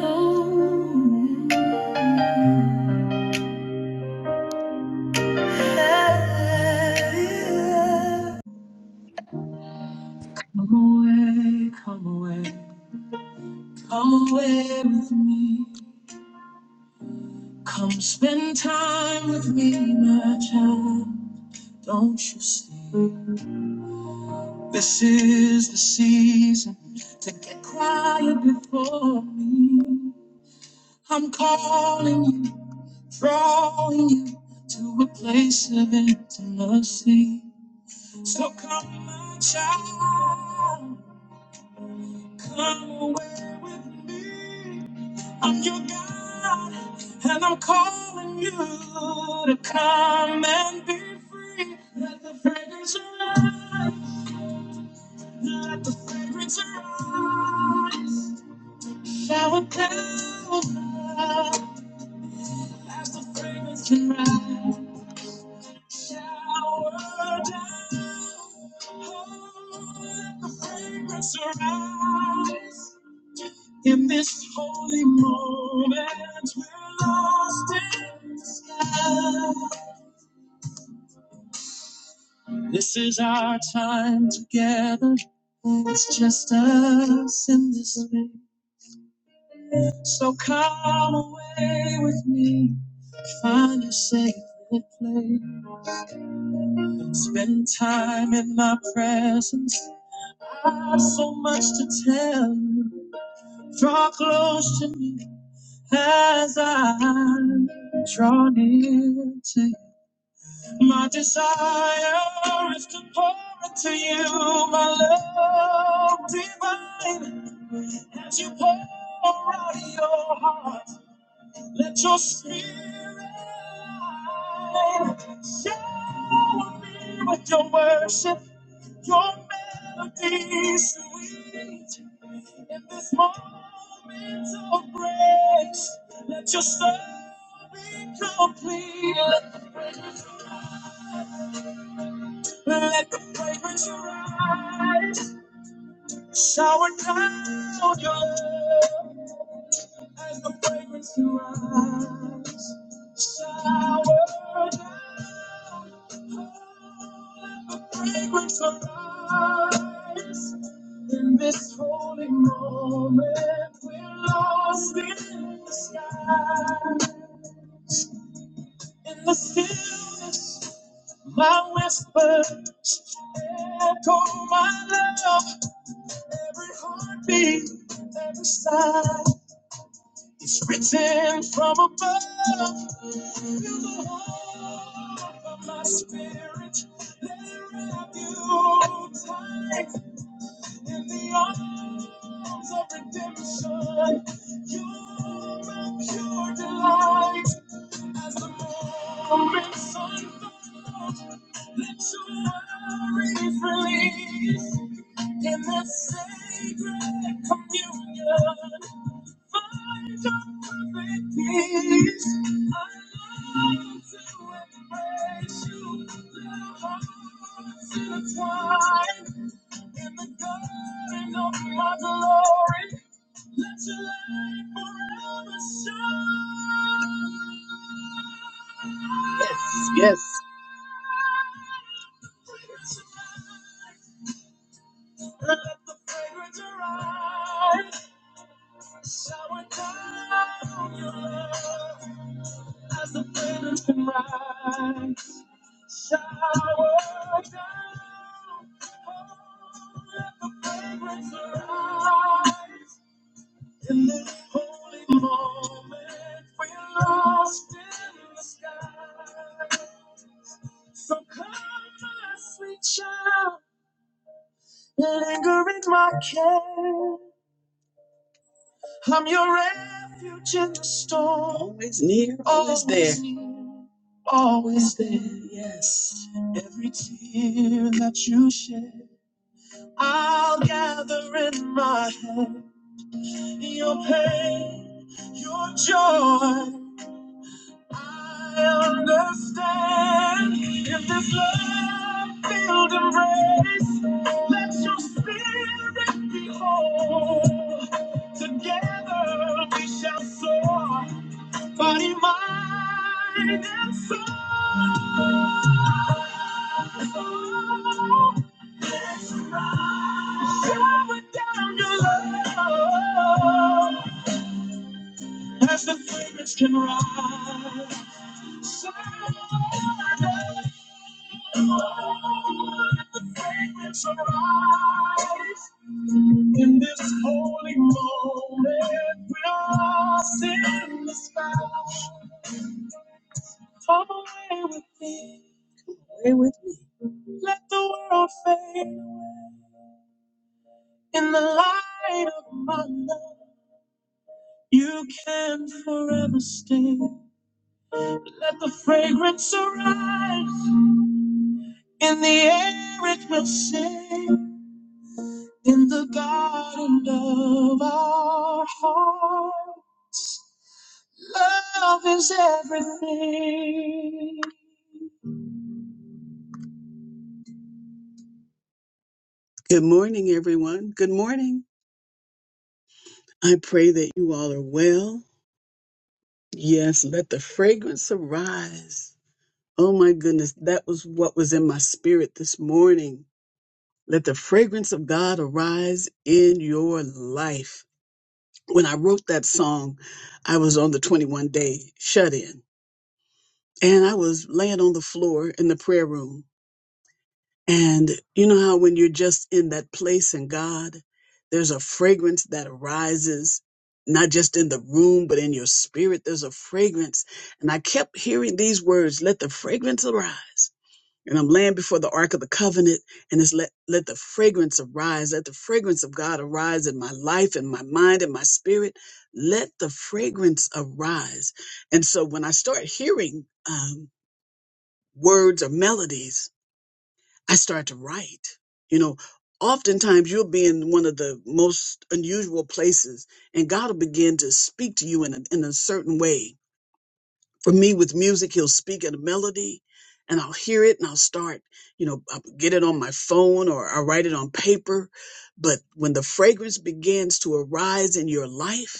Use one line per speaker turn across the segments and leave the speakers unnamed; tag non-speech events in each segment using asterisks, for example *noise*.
Come away, come away, come away with me. Come spend time with me, my child. Don't you see? This is the season to get quiet before me. I'm calling you, drawing you to a place of intimacy. So come, my child, come away with me. I'm your God, and I'm calling you to come and be free. Let the fragrance arise, let the fragrance arise. Shower down, as the fragrance can rise. Shower down, oh, let the fragrance arise. In this holy moment, we're lost in the sky. This is our time together. It's just us in this room. So come away with me. Find your sacred place. Spend time in my presence. I have so much to tell you. Draw close to me as I draw near to you. My desire is to pour into you my love divine. As you pour out your heart, let your spirit shine. Shower me with your worship, your melody sweet. In this moment of grace, let your soul be complete. Let the fragrance rise, Shower down your love as the fragrance rise, Shower down, fragrance arise. In this holy moment, we're lost in the sky. In the stillness, my whisper, echo my love. Every heartbeat, every sigh is written from above. Feel the hope of my spirit. Let it wrap you tight in the arms of redemption. You're my pure delight as the morning sun falls. Let your worries release. In the sacred communion, find your perfect peace. I long to embrace you, let hearts intertwine. In the garden of my glory, let your light forever shine. Yes, yes. Let the fragrance arise. Shower down your love. as the risen rise. Shower down, let the fragrance rise In this holy moment, we're lost in the sky. So come, my sweet child, linger in my care. I'm your refuge in the storm. Always near, always, always there. near, always there. Yes. Every tear that you shed, I'll gather in my hand. Your pain, your joy. I understand if this love filled embrace lets your spirit be whole. Together we shall soar, body, mind, and soul. Let's rise. Shower down your love as the fragrance can rise. In this holy moment, we'll sing the sky. Come away with me. Away with me. Let the world fade away. In the light of my love, you can forever stay. Let the fragrance arise. In the air, it will sing. in the garden of our heart. Love is everything. Good morning, everyone. Good morning. I pray that you all are well. Yes, let the fragrance arise. Oh my goodness, that was what was in my spirit this morning. Let the fragrance of God arise in your life. When I wrote that song, I was on the 21 day shut in. and I was laying on the floor in the prayer room. And you know how when you're just in that place in God, there's a fragrance that arises, not just in the room, but in your spirit. There's a fragrance. And I kept hearing these words, let the fragrance arise. And I'm laying before the Ark of the Covenant, and it's let, let the fragrance arise, let the fragrance of God arise in my life, in my mind, in my spirit. Let the fragrance arise. And so when I start hearing, um, words or melodies, I start to write. You know, oftentimes you'll be in one of the most unusual places and God will begin to speak to you in a, in a certain way. For me, with music, He'll speak in a melody and I'll hear it and I'll start, you know, I'll get it on my phone or I'll write it on paper. But when the fragrance begins to arise in your life,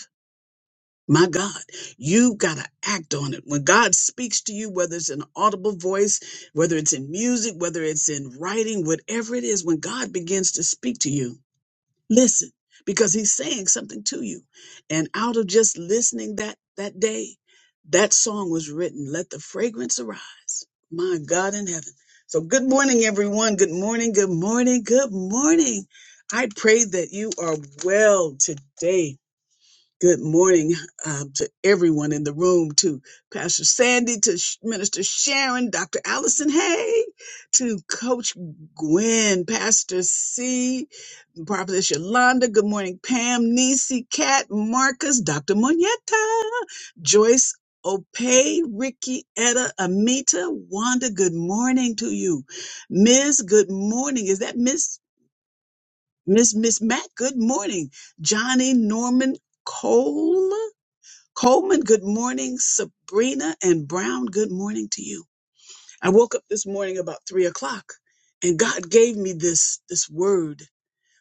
my God, you've got to act on it. When God speaks to you, whether it's an audible voice, whether it's in music, whether it's in writing, whatever it is, when God begins to speak to you, listen because he's saying something to you. And out of just listening that that day, that song was written, let the fragrance arise. My God in heaven. So good morning everyone. Good morning. Good morning. Good morning. I pray that you are well today Good morning um, to everyone in the room, to Pastor Sandy, to Sh- Minister Sharon, Dr. Allison Hay, to Coach Gwen, Pastor C, Prophetess Yolanda. Good morning, Pam, Nisi, Kat, Marcus, Dr. Moneta, Joyce, Opay, Ricky, Etta, Amita, Wanda. Good morning to you. Miss, good morning. Is that Miss? Miss Miss Matt, good morning. Johnny Norman Cole. Coleman, good morning. Sabrina and Brown, good morning to you. I woke up this morning about three o'clock and God gave me this, this word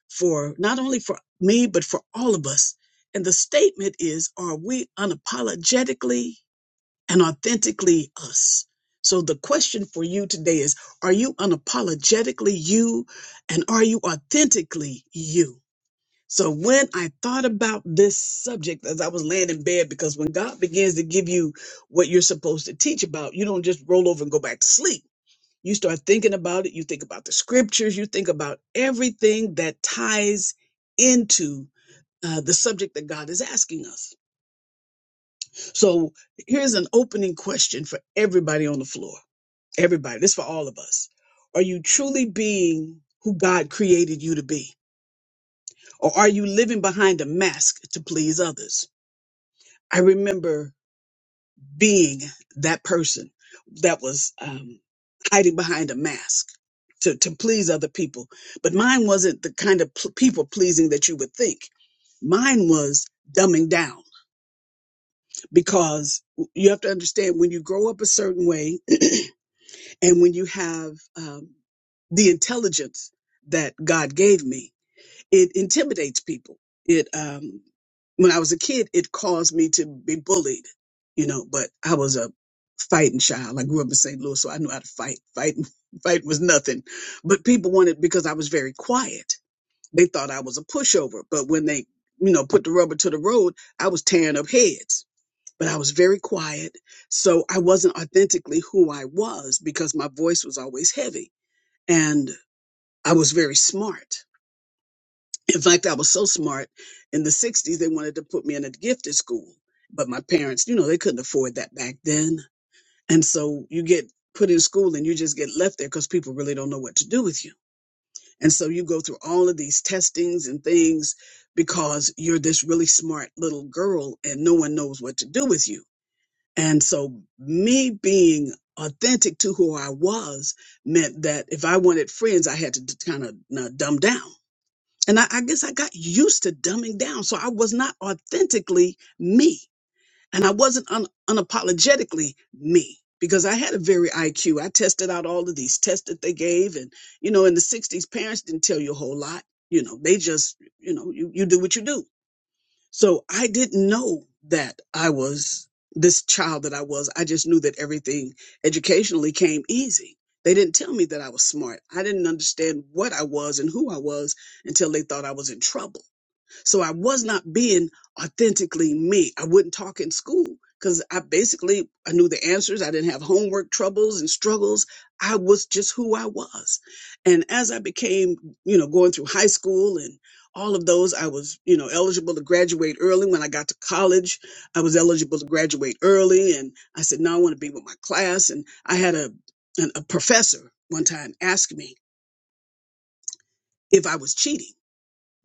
for not only for me, but for all of us. And the statement is, are we unapologetically and authentically us? So the question for you today is, are you unapologetically you and are you authentically you? So when I thought about this subject as I was laying in bed, because when God begins to give you what you're supposed to teach about, you don't just roll over and go back to sleep. You start thinking about it. You think about the scriptures. You think about everything that ties into uh, the subject that God is asking us. So here's an opening question for everybody on the floor. Everybody, this is for all of us. Are you truly being who God created you to be? Or are you living behind a mask to please others? I remember being that person that was um, hiding behind a mask to, to please other people. But mine wasn't the kind of pl- people pleasing that you would think. Mine was dumbing down because you have to understand when you grow up a certain way *clears throat* and when you have um, the intelligence that God gave me, it intimidates people. It um when I was a kid, it caused me to be bullied, you know, but I was a fighting child. I grew up in St. Louis, so I knew how to fight. Fighting *laughs* fight was nothing. But people wanted because I was very quiet. They thought I was a pushover. But when they, you know, put the rubber to the road, I was tearing up heads. But I was very quiet. So I wasn't authentically who I was because my voice was always heavy. And I was very smart in fact, I was so smart in the 60s, they wanted to put me in a gifted school. But my parents, you know, they couldn't afford that back then. And so you get put in school and you just get left there because people really don't know what to do with you. And so you go through all of these testings and things because you're this really smart little girl and no one knows what to do with you. And so me being authentic to who I was meant that if I wanted friends, I had to kind of uh, dumb down. And I, I guess I got used to dumbing down. So I was not authentically me. And I wasn't un, unapologetically me because I had a very IQ. I tested out all of these tests that they gave. And, you know, in the 60s, parents didn't tell you a whole lot. You know, they just, you know, you, you do what you do. So I didn't know that I was this child that I was. I just knew that everything educationally came easy. They didn't tell me that I was smart. I didn't understand what I was and who I was until they thought I was in trouble. So I was not being authentically me. I wouldn't talk in school because I basically I knew the answers. I didn't have homework troubles and struggles. I was just who I was. And as I became, you know, going through high school and all of those, I was, you know, eligible to graduate early. When I got to college, I was eligible to graduate early. And I said, no, I want to be with my class. And I had a, an, a professor one time ask me if I was cheating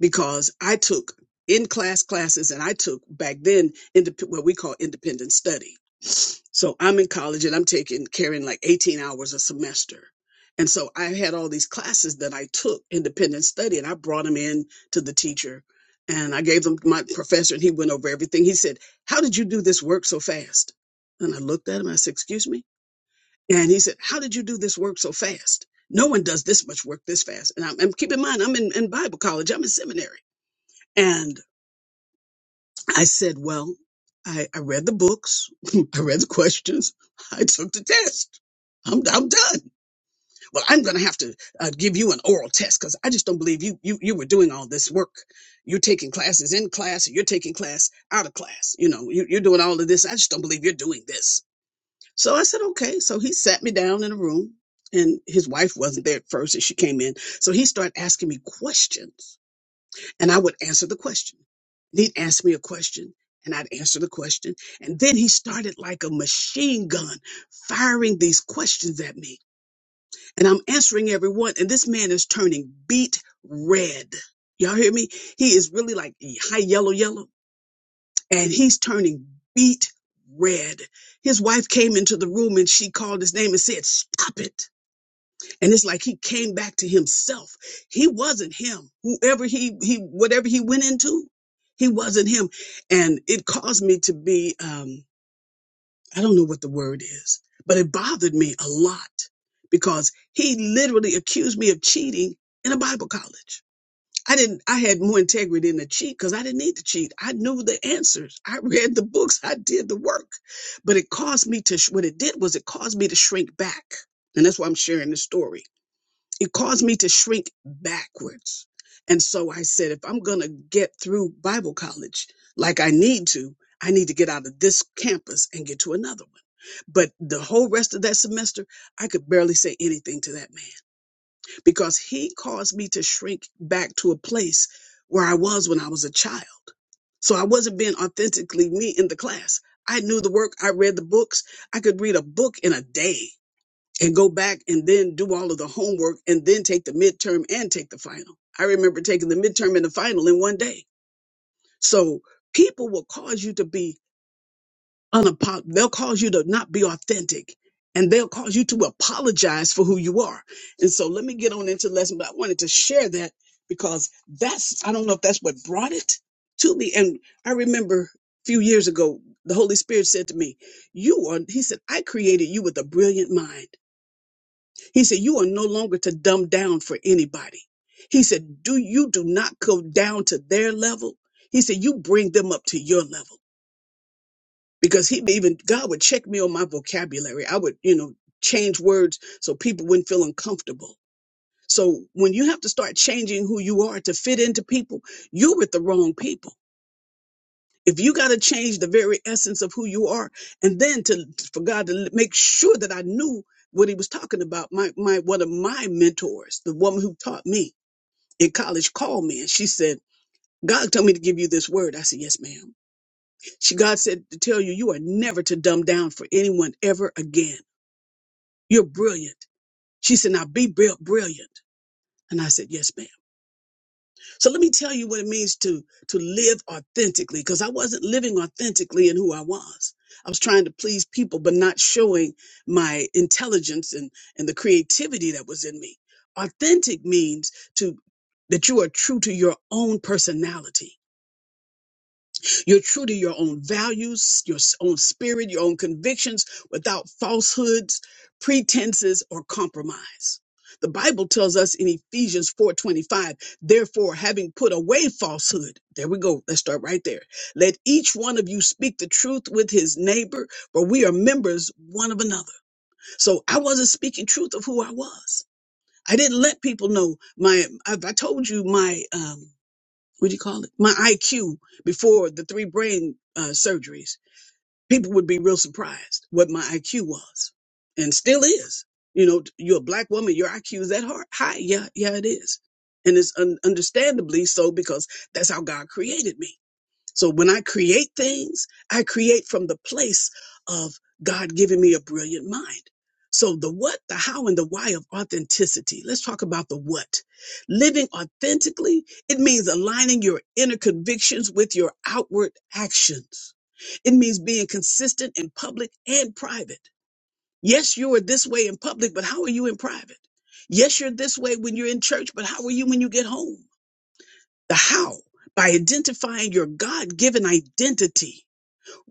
because I took in class classes and I took back then indep- what we call independent study. So I'm in college and I'm taking carrying like 18 hours a semester. And so I had all these classes that I took independent study and I brought them in to the teacher and I gave them to my professor and he went over everything. He said, How did you do this work so fast? And I looked at him. I said, Excuse me? And he said, How did you do this work so fast? No one does this much work this fast. And I'm, and keep in mind, I'm in, in Bible college, I'm in seminary. And I said, well, I, I read the books. *laughs* I read the questions. I took the test. I'm, I'm done. Well, I'm going to have to uh, give you an oral test because I just don't believe you, you, you were doing all this work. You're taking classes in class and you're taking class out of class. You know, you, you're doing all of this. I just don't believe you're doing this. So I said, okay. So he sat me down in a room and his wife wasn't there at first as she came in. So he started asking me questions and I would answer the question. And he'd ask me a question, and I'd answer the question. And then he started like a machine gun, firing these questions at me. And I'm answering every one, and this man is turning beet red. Y'all hear me? He is really like high yellow, yellow, and he's turning beet red. His wife came into the room and she called his name and said, Stop it. And it's like he came back to himself. He wasn't him. Whoever he, he, whatever he went into, he wasn't him. And it caused me to be, um, I don't know what the word is, but it bothered me a lot because he literally accused me of cheating in a Bible college. I didn't, I had more integrity than to cheat because I didn't need to cheat. I knew the answers. I *laughs* read the books. I did the work, but it caused me to, sh- what it did was it caused me to shrink back. And that's why I'm sharing this story it caused me to shrink backwards. And so I said, if I'm going to get through Bible college like I need to, I need to get out of this campus and get to another one. But the whole rest of that semester, I could barely say anything to that man because he caused me to shrink back to a place where I was when I was a child. So I wasn't being authentically me in the class. I knew the work, I read the books, I could read a book in a day and go back and then do all of the homework and then take the midterm and take the final. I remember taking the midterm and the final in one day. So people will cause you to be unapologetic. They'll cause you to not be authentic and they'll cause you to apologize for who you are. And so let me get on into the lesson, but I wanted to share that because that's, I don't know if that's what brought it to me. And I remember a few years ago, the Holy Spirit said to me, you are, he said, I created you with a brilliant mind. He said, You are no longer to dumb down for anybody. He said, Do you do not go down to their level? He said, You bring them up to your level. Because he even God would check me on my vocabulary. I would, you know, change words so people wouldn't feel uncomfortable. So when you have to start changing who you are to fit into people, you're with the wrong people if you got to change the very essence of who you are and then to for god to make sure that i knew what he was talking about my my one of my mentors the woman who taught me in college called me and she said god told me to give you this word i said yes ma'am she god said to tell you you are never to dumb down for anyone ever again you're brilliant she said now be bril- brilliant and i said yes ma'am So let me tell you what it means to to live authentically because I wasn't living authentically in who I was. I was trying to please people but not showing my intelligence and and the creativity that was in me. Authentic means to that you are true to your own personality you're true to your own values, your s- own spirit, your own convictions without falsehoods, pretenses, or compromise. The Bible tells us in Ephesians 4:25, therefore having put away falsehood. There we go. Let's start right there. Let each one of you speak the truth with his neighbor, for we are members one of another. So I wasn't speaking truth of who I was. I didn't let people know my if I told you my um what do you call it? My IQ before the three brain uh, surgeries. People would be real surprised what my IQ was and still is. You know, you're a black woman, your IQ is that hard. high. Yeah, yeah, it is. And it's un- understandably so because that's how God created me. So when I create things, I create from the place of God giving me a brilliant mind. So the what, the how, and the why of authenticity. Let's talk about the what. Living authentically, it means aligning your inner convictions with your outward actions. It means being consistent in public and private. Yes, you are this way in public, but how are you in private? Yes, you're this way when you're in church, but how are you when you get home? the how by identifying your God given identity,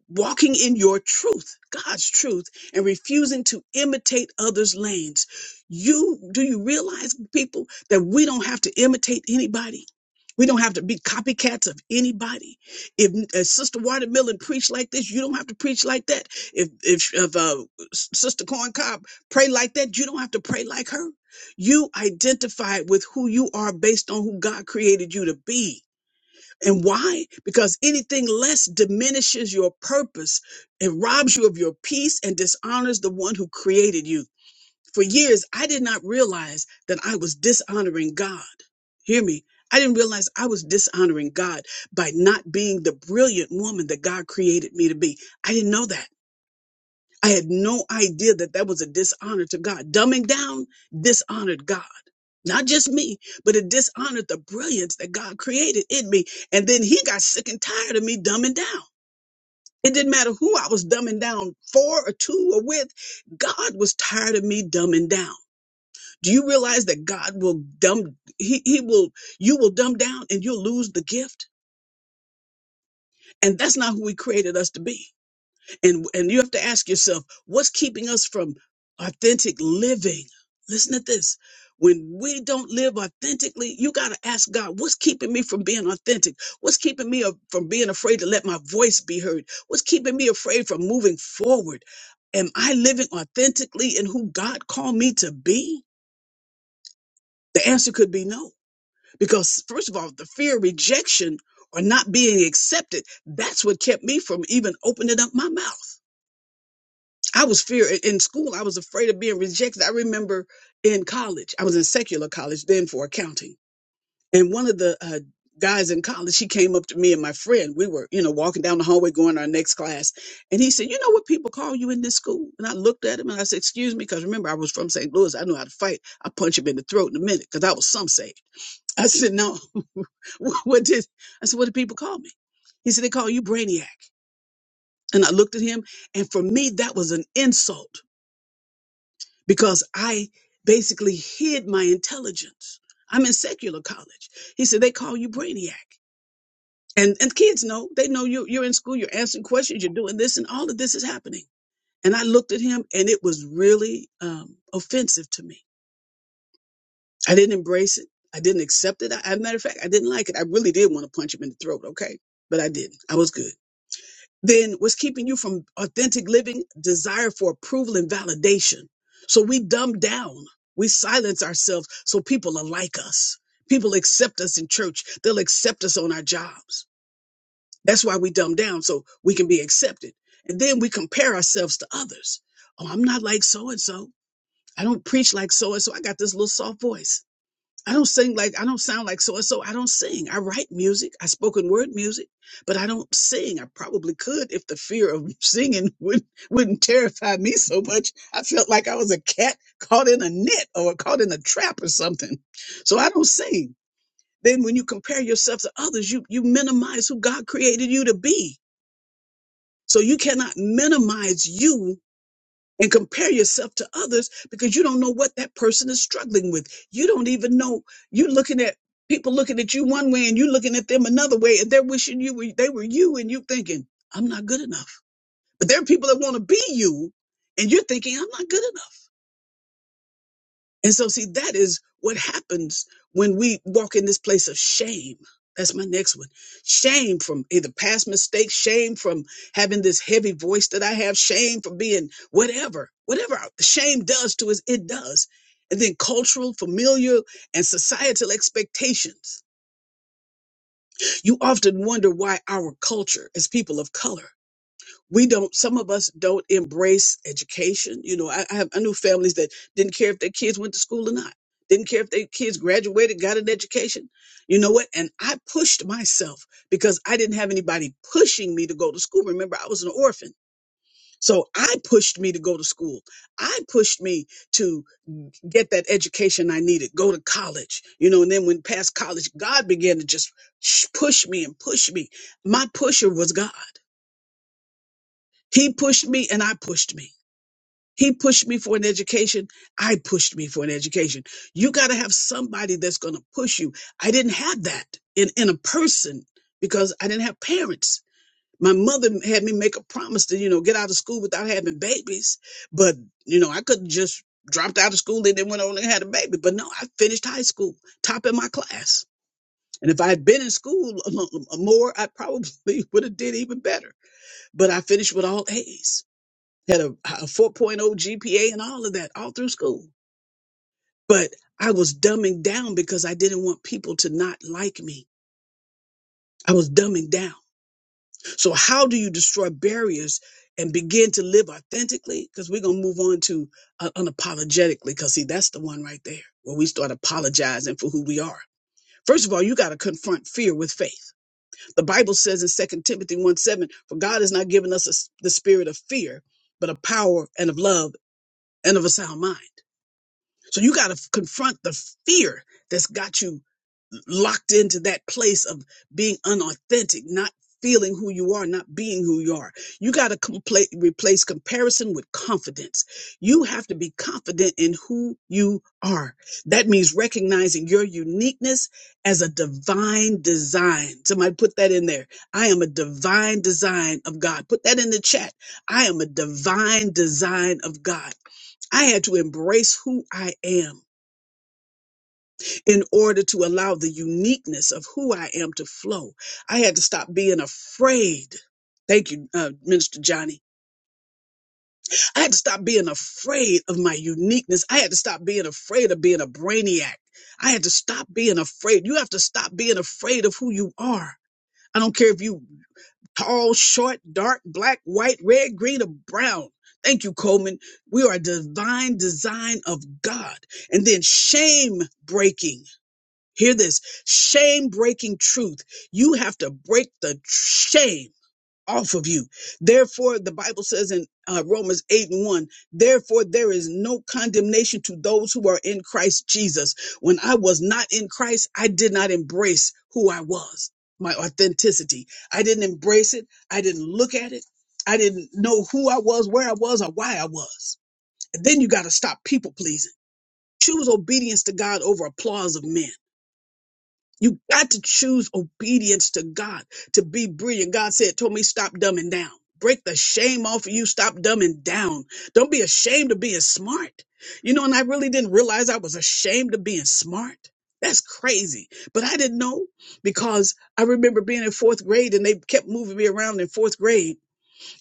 walking in your truth, God's truth, and refusing to imitate others' lanes. You do you realize, people, that we don't have to imitate anybody? We don't have to be copycats of anybody. If, uh Sister Watermelon preached like this, you don't have to preach like that. If if, if uh, S- Sister Corn Cobb pray like that, you don't have to pray like her. You identify with who you are based on who God created you to be and why? Because anything less diminishes your purpose. It robs you of your peace and dishonors the one who created you. For years, I did not realize that I was dishonoring God. Hear me. I didn't realize I was dishonoring God by not being the brilliant woman that God created me to be. I didn't know that. I had no idea that that was a dishonor to God. Dumbing down dishonored God. Not just me, but it dishonored the brilliance that God created in me. And then he got sick and tired of me dumbing down. It didn't matter who I was dumbing down for or to or with. God was tired of me dumbing down. Do you realize that God will dumb, he, he will, you will dumb down and you'll lose the gift? And that's not who he created us to be. and and you have to ask yourself what's keeping us from authentic living listen to this when we don't live authentically you got to ask god what's keeping me from being authentic what's keeping me a- from being afraid to let my voice be heard what's keeping me afraid from moving forward am i living authentically in who god called me to be the answer could be no because first of all the fear of rejection or not being accepted that's what kept me from even opening up my mouth I was fear in school. I was afraid of being rejected. I remember in college, I was in secular college then for accounting, and one of the uh, guys in college, he came up to me and my friend. We were, you know, walking down the hallway going to our next class, and he said, "You know what people call you in this school?" And I looked at him and I said, "Excuse me," because remember I was from St. Louis. I knew how to fight. I punch him in the throat in a minute because I was some say. *laughs* I said, "No, *laughs* what what did?" I said, "What do people call me?" He said, "They call you brainiac." And I looked at him, and for me, that was an insult. because I basically hid my intelligence. I'm in secular college. He said, they call you brainiac. And, and kids know, they know you, you're in school, you're answering questions, you're doing this, and all of this is happening. And I looked at him and it was really um, offensive to me. I didn't embrace it. I didn't accept it. I, as a matter of fact, I didn't like it. I really did want to punch him in the throat, okay? But I didn't. I was good. then what's keeping you from authentic living desire for approval and validation so we dumb down we silence ourselves so people are like us people accept us in church they'll accept us on our jobs that's why we dumb down so we can be accepted and then we compare ourselves to others oh i'm not like so and so i don't preach like so and so i got this little soft voice I don't sing like I don't sound like so and so. I don't sing. I write music. I spoken word music, but I don't sing. I probably could if the fear of *laughs* singing wouldn't wouldn't terrify me so much. I felt like I was a cat caught in a net or caught in a trap or something. So I don't sing. Then when you compare yourself to others, you you minimize who God created you to be. So you cannot minimize you and compare yourself to others because you don't know what that person is struggling with. You don't even know. You're looking at people looking at you one way and you looking at them another way, and they're wishing you were, they were you, and you thinking, I'm not good enough. But there are people that want to be you, and you're thinking, I'm not good enough. And so, see, that is what happens when we walk in this place of shame. That's my next one. Shame from either past mistakes, shame from having this heavy voice that I have, shame from being whatever, whatever shame does to us, it does. And then cultural, familial, and societal expectations. You often wonder why our culture, as people of color, we don't some of us don't embrace education you know i I, have, I knew families that didn't care if their kids went to school or not didn't care if their kids graduated got an education you know what and i pushed myself because i didn't have anybody pushing me to go to school remember i was an orphan so i pushed me to go to school i pushed me to get that education i needed go to college you know and then when past college god began to just sh- push me and push me my pusher was god he pushed me and i pushed me He pushed me for an education. I pushed me for an education. You got to have somebody that's going to push you. I didn't have that in, in a person because I didn't have parents. My mother had me make a promise to, you know, get out of school without having babies. But, you know, I couldn't just dropped out of school and then went on and had a baby. But no, I finished high school, top in my class. And if I had been in school a lo- more, I probably *laughs* would have did even better. But I finished with all A's had a, a 4.0 GPA and all of that all through school. But I was dumbing down because I didn't want people to not like me. I was dumbing down. So how do you destroy barriers and begin to live authentically? Because we're going to move on to uh, unapologetically because see, that's the one right there where we start apologizing for who we are. First of all, you got to confront fear with faith. The Bible says in Second Timothy 1 7, for God has not given us a s the spirit of fear, but of power and of love and of a sound mind. So you got to confront the fear that's got you locked into that place of being unauthentic, not feeling who you are, not being who you are. You got to compla- replace comparison with confidence. You have to be confident in who you are. That means recognizing your uniqueness as a divine design. Somebody put that in there. I am a divine design of God. Put that in the chat. I am a divine design of God. I had to embrace who I am in order to allow the uniqueness of who I am to flow. I had to stop being afraid. Thank you, uh, Minister Johnny. I had to stop being afraid of my uniqueness. I had to stop being afraid of being a brainiac. I had to stop being afraid. You have to stop being afraid of who you are. I don't care if you tall, short, dark, black, white, red, green, or brown. Thank you, Coleman. We are a divine design of God. And then shame breaking. Hear this shame breaking truth. You have to break the shame off of you. Therefore, the Bible says in uh, Romans 8 and 1, therefore, there is no condemnation to those who are in Christ Jesus. When I was not in Christ, I did not embrace who I was, my authenticity. I didn't embrace it. I didn't look at it. I didn't know who I was, where I was, or why I was. And then you got to stop people pleasing. Choose obedience to God over applause of men. You got to choose obedience to God to be brilliant. God said, told me, stop dumbing down. Break the shame off of you. Stop dumbing down. Don't be ashamed of being smart. You know, and I really didn't realize I was ashamed of being smart. That's crazy. But I didn't know because I remember being in fourth grade and they kept moving me around in fourth grade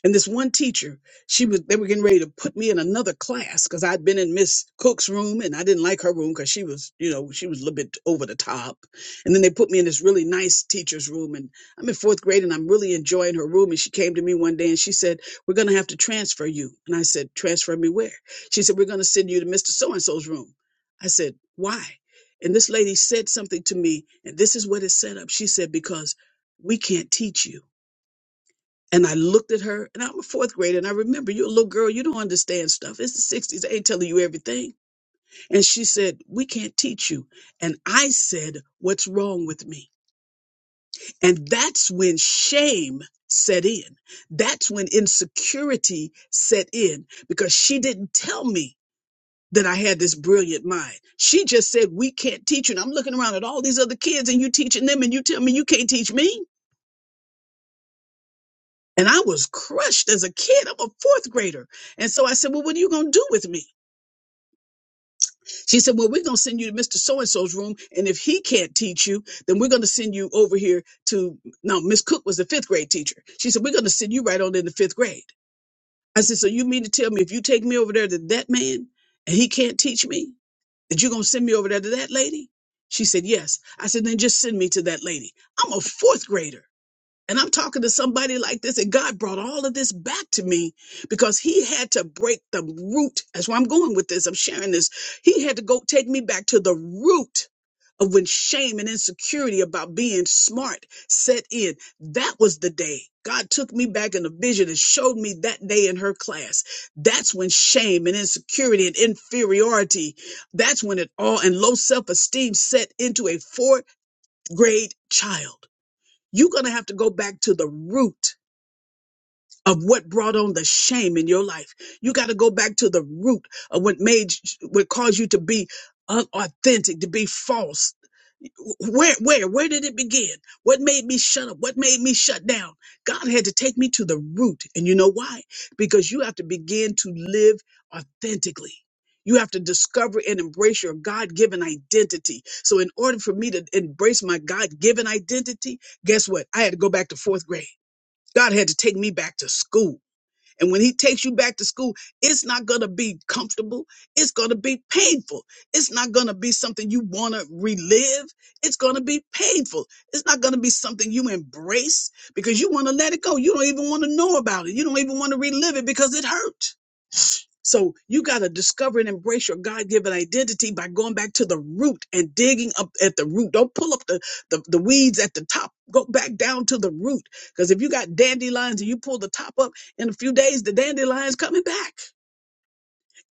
and this one teacher, she was they were getting ready to put me in another class because I'd been in Miss Cook's room and I didn't like her room because she was, you know, she was a little bit over the top. And then they put me in this really nice teacher's room. And I'm in fourth grade and I'm really enjoying her room. And she came to me one day and she said, We're gonna have to transfer you. And I said, Transfer me where? She said, We're gonna send you to Mr. So and so's room. I said, Why? And this lady said something to me, and this is what it set up. She said, Because we can't teach you and I looked at her, and I'm a fourth grader, and I remember you're a little girl, you don't understand stuff. It's the 60s, they ain't telling you everything. And she said, We can't teach you. And I said, What's wrong with me? And that's when shame set in. That's when insecurity set in because she didn't tell me that I had this brilliant mind. She just said, We can't teach you. And I'm looking around at all these other kids, and you teaching them, and you tell me you can't teach me. And I was crushed as a kid. I'm a fourth grader. And so I said, Well, what are you going to do with me? She said, Well, we're going to send you to Mr. So and so's room. And if he can't teach you, then we're going to send you over here to. No, Miss Cook was the fifth grade teacher. She said, We're going to send you right on into fifth grade. I said, So you mean to tell me if you take me over there to that man and he can't teach me, that you're going to send me over there to that lady? She said, Yes. I said, Then just send me to that lady. I'm a fourth grader. And I'm talking to somebody like this, and God brought all of this back to me because He had to break the root. That's why I'm going with this. I'm sharing this. He had to go take me back to the root of when shame and insecurity about being smart set in. That was the day God took me back in a vision and showed me that day in her class. That's when shame and insecurity and inferiority, that's when it all and low self esteem set into a fourth grade child you're going to have to go back to the root of what brought on the shame in your life. You got to go back to the root of what made, what caused you to be unauthentic, to be false, where where where did it begin what made me shut up what made me shut down god had to take me to the root and you know why because you have to begin to live authentically you have to discover and embrace your god-given identity so in order for me to embrace my god-given identity guess what i had to go back to fourth grade god had to take me back to school and when he takes you back to school, it's not going to be comfortable. It's going to be painful. It's not going to be something you want to relive. It's going to be painful. It's not going to be something you embrace because you want to let it go. You don't even want to know about it. You don't even want to relive it because it hurt. So you got to discover and embrace your God given identity by going back to the root and digging up at the root. Don't pull up the, the, the weeds at the top. Go back down to the root. Because if you got dandelions and you pull the top up in a few days, the dandelion's coming back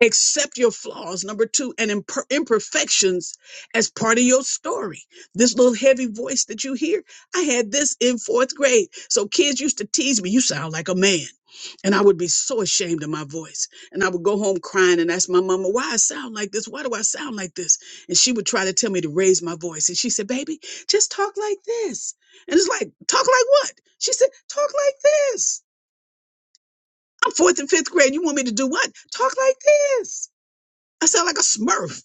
accept your flaws number two and imper- imperfections as part of your story this little heavy voice that you hear i had this in fourth grade so kids used to tease me you sound like a man and i would be so ashamed of my voice and i would go home crying and ask my mama why i sound like this why do i sound like this and she would try to tell me to raise my voice and she said baby just talk like this and it's like talk like what she said talk like this i'm fourth and fifth grade you want me to do what talk like this I sound like a smurf,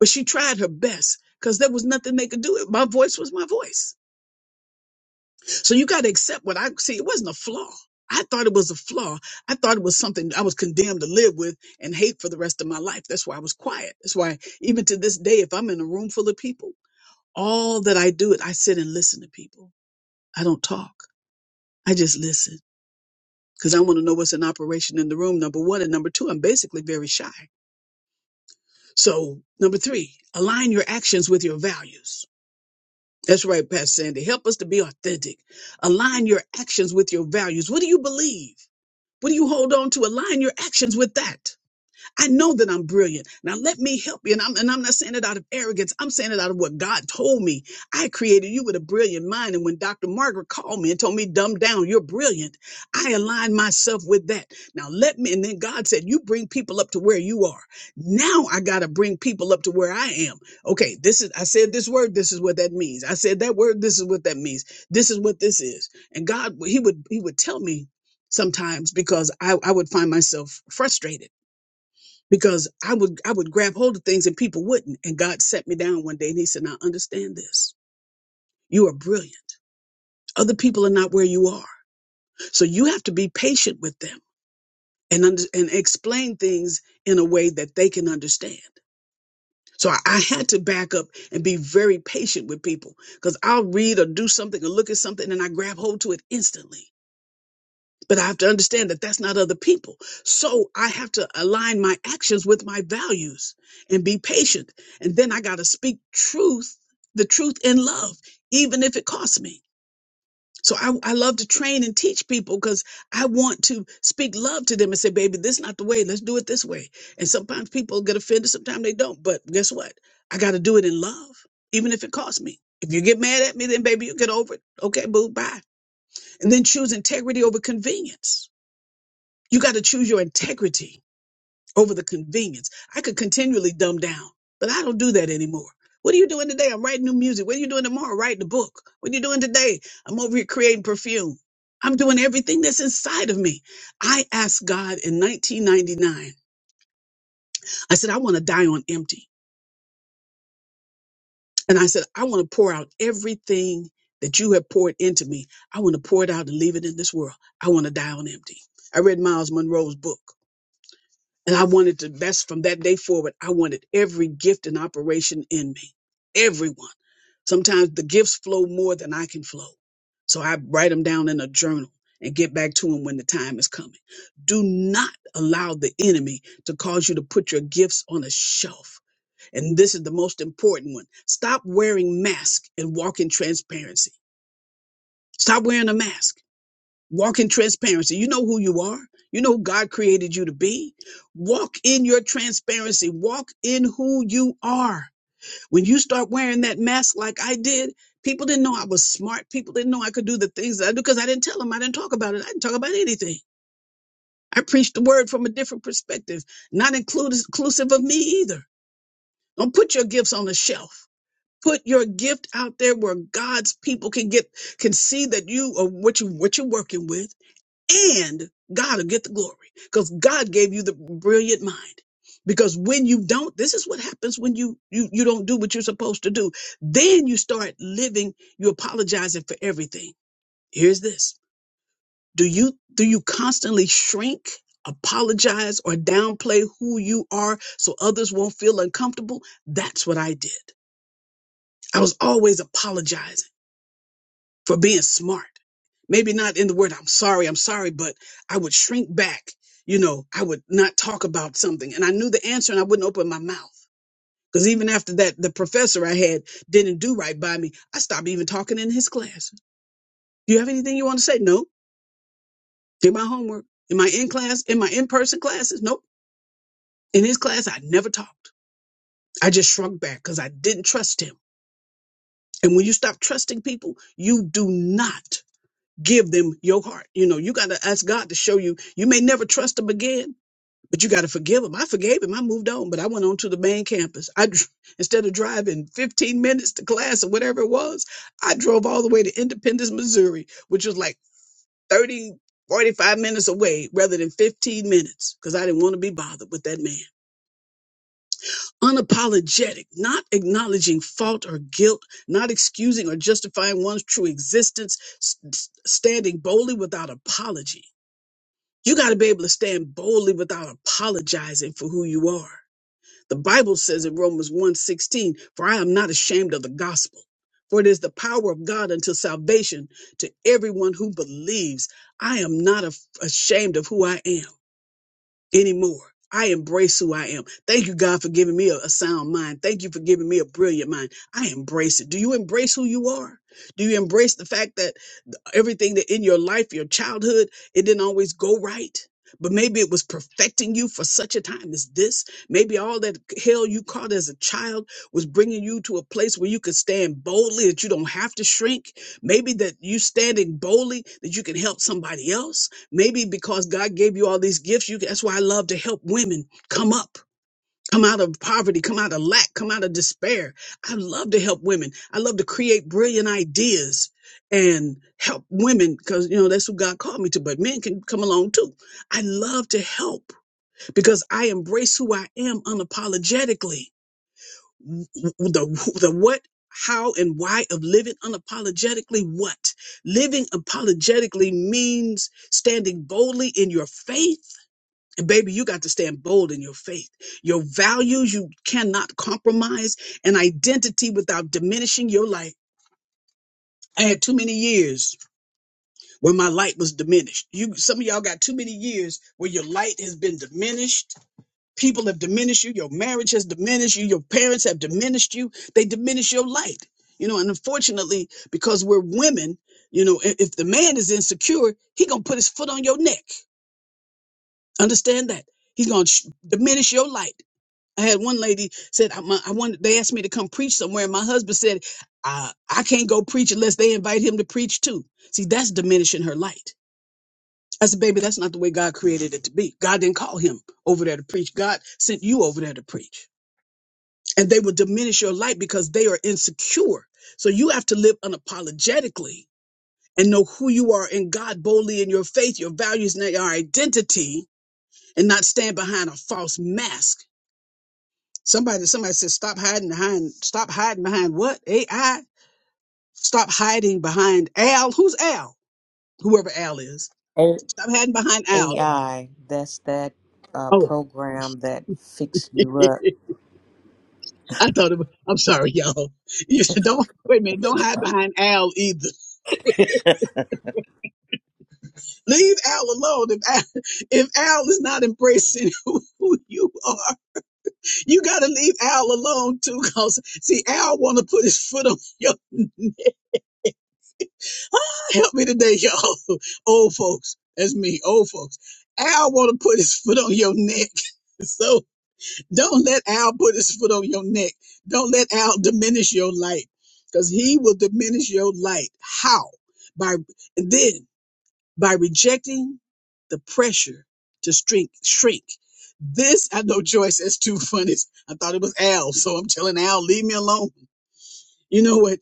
but she tried her best because there was nothing they could do. My voice was my voice. So you got to accept what I see. It wasn't a flaw. I thought it was a flaw. I thought it was something I was condemned to live with and hate for the rest of my life. That's why I was quiet. That's why even to this day, if I'm in a room full of people, all that I do is I sit and listen to people. I don't talk. I just listen because I want to know what's in operation in the room. Number one. And number two, I'm basically very shy. So number three, align your actions with your values. That's right, Pastor Sandy. Help us to be authentic. Align your actions with your values. What do you believe? What do you hold on to? Align your actions with that. I know that I'm brilliant. Now let me help you. And I'm, and I'm not saying it out of arrogance. I'm saying it out of what God told me. I created you with a brilliant mind. And when Dr. Margaret called me and told me, dumb down, you're brilliant. I aligned myself with that. Now let me. And then God said, you bring people up to where you are. Now I got to bring people up to where I am. Okay. This is, I said this word. This is what that means. I said that word. This is what that means. This is what this is. And God, he would, he would tell me sometimes because I, I would find myself frustrated because I would I would grab hold of things and people wouldn't. And God set me down one day and he said, "Now understand this. You are brilliant. Other people are not where you are. So you have to be patient with them and under, and explain things in a way that they can understand." So I, I had to back up and be very patient with people because I'll read or do something or look at something and I grab hold to it instantly. But I have to understand that that's not other people. So I have to align my actions with my values and be patient. And then I got to speak truth, the truth in love, even if it costs me. So I, I love to train and teach people because I want to speak love to them and say, baby, this is not the way. Let's do it this way. And sometimes people get offended. Sometimes they don't. But guess what? I got to do it in love, even if it costs me. If you get mad at me, then baby, you get over it. Okay, boo, bye. And then choose integrity over convenience you got to choose your integrity over the convenience. I could continually dumb down, but I don't do that anymore. What are you doing today? I'm writing new music. What are you doing tomorrow? Writing a book. What are you doing today? I'm over here creating perfume. I'm doing everything that's inside of me. I asked God in 1999, I said, I want to die on empty. And I said, I want to pour out everything that you have poured into me. I want to pour it out and leave it in this world. I want to die on empty. I read Miles Monroe's book. And I wanted the best from that day forward. I wanted every gift and operation in me, everyone. Sometimes the gifts flow more than I can flow. So I write them down in a journal and get back to them when the time is coming. Do not allow the enemy to cause you to put your gifts on a shelf. And this is the most important one. Stop wearing masks and walk in transparency. Stop wearing a mask. Walk in transparency. You know who you are. You know who God created you to be. Walk in your transparency. Walk in who you are. When you start wearing that mask like I did, people didn't know I was smart. People didn't know I could do the things that I do because I didn't tell them. I didn't talk about it. I didn't talk about anything. I preached the word from a different perspective, not include, inclusive of me either. Don't put your gifts on the shelf. Put your gift out there where God's people can get can see that you are what you what you're working with and God will get the glory because God gave you the brilliant mind. Because when you don't, this is what happens when you, you, you don't do what you're supposed to do. Then you start living, you apologizing for everything. Here's this. Do you, do you constantly shrink, apologize or downplay who you are so others won't feel uncomfortable? That's what I did. I was always apologizing. for being smart. Maybe not in the word, I'm sorry, I'm sorry, but I would shrink back. You know, I would not talk about something. And I knew the answer and I wouldn't open my mouth. Because even after that, the professor I had didn't do right by me. I stopped even talking in his class. Do you have anything you want to say? No. Did my homework. In my in class, in my in person classes? Nope. In his class, I never talked. I just shrunk back because I didn't trust him. And when you stop trusting people, you do not give them your heart. You know, you got to ask God to show you. You may never trust him again, but you got to forgive him. I forgave him. I moved on, but I went on to the main campus. I dr- *laughs* instead of driving 15 minutes to class or whatever it was, I drove all the way to Independence, Missouri, which was like 30 45 minutes away rather than 15 minutes because I didn't want to be bothered with that man. Unapologetic, not acknowledging fault or guilt, not excusing or justifying one's true existence, st- standing boldly without apology You got to be able to stand boldly without apologizing for who you are. The Bible says in Romans one sixteen, "For I am not ashamed of the gospel, for it is the power of God unto salvation to everyone who believes. I am not af- ashamed of who I am anymore. I embrace who I am. Thank you, God, for giving me a, a sound mind. Thank you for giving me a brilliant mind. I embrace it. Do you embrace who you are? Do you embrace the fact that everything that in your life, your childhood, it didn't always go right. But maybe it was perfecting you for such a time as this. Maybe all that hell you caught as a child was bringing you to a place where you could stand boldly, that you don't have to shrink. Maybe that you standing boldly, that you can help somebody else. Maybe because God gave you all these gifts, you that's why I love to help women come up come out of poverty, come out of lack, come out of despair. I love to help women. I love to create brilliant ideas and help women because, you know, that's who God called me to, but men can come along too. I love to help because I embrace who I am unapologetically. W- w- The, the what, how, and why of living unapologetically what? Living apologetically means standing boldly in your faith and baby, you got to stand bold in your faith. Your values, you cannot compromise an identity without diminishing your light. I had too many years where my light was diminished. You, some of y'all got too many years where your light has been diminished. People have diminished you. Your marriage has diminished you. Your parents have diminished you. They diminish your light. You know, and unfortunately, because we're women, you know, i- if the man is insecure, he gonna put his foot on your neck. Understand that? He's gonna sh- diminish your light I had one lady said I, my, I wanted. They asked me to come preach somewhere, and my husband said I, I can't go preach unless they invite him to preach too. See, that's diminishing her light. I said, baby, that's not the way God created it to be. God didn't call him over there to preach. God sent you over there to preach, and they will diminish your light because they are insecure. So you have to live unapologetically and know who you are in God boldly in your faith, your values, and your identity, and not stand behind a false mask Somebody, somebody said, stop hiding behind, stop hiding behind what? AI? Stop hiding behind Al. Who's Al? Whoever Al is.
A-
Stop hiding behind Al. y'all.
AI, that's that uh,
Oh,
program that fix
*laughs*
you up.
I thought it was, I'm sorry, y'all. You *laughs* said, don't, wait a minute, don't hide behind Al either. Leave Al alone. If Al, *laughs* if Al is not embracing *laughs* who, who you are, you gotta leave Al alone too. Cause see, Al wanna put his foot on your *laughs* neck. *laughs* Help me today, y'all. *laughs* Old folks. That's me, old folks. Al want to put his foot on your neck. *laughs* So don't let Al put his foot on your neck. Don't let Al diminish your light because he will diminish your light. How? By, and then by rejecting the pressure to shrink, shrink. This, I know Joyce, that's too funny. I thought it was Al. So I'm telling Al, leave me alone. You know what?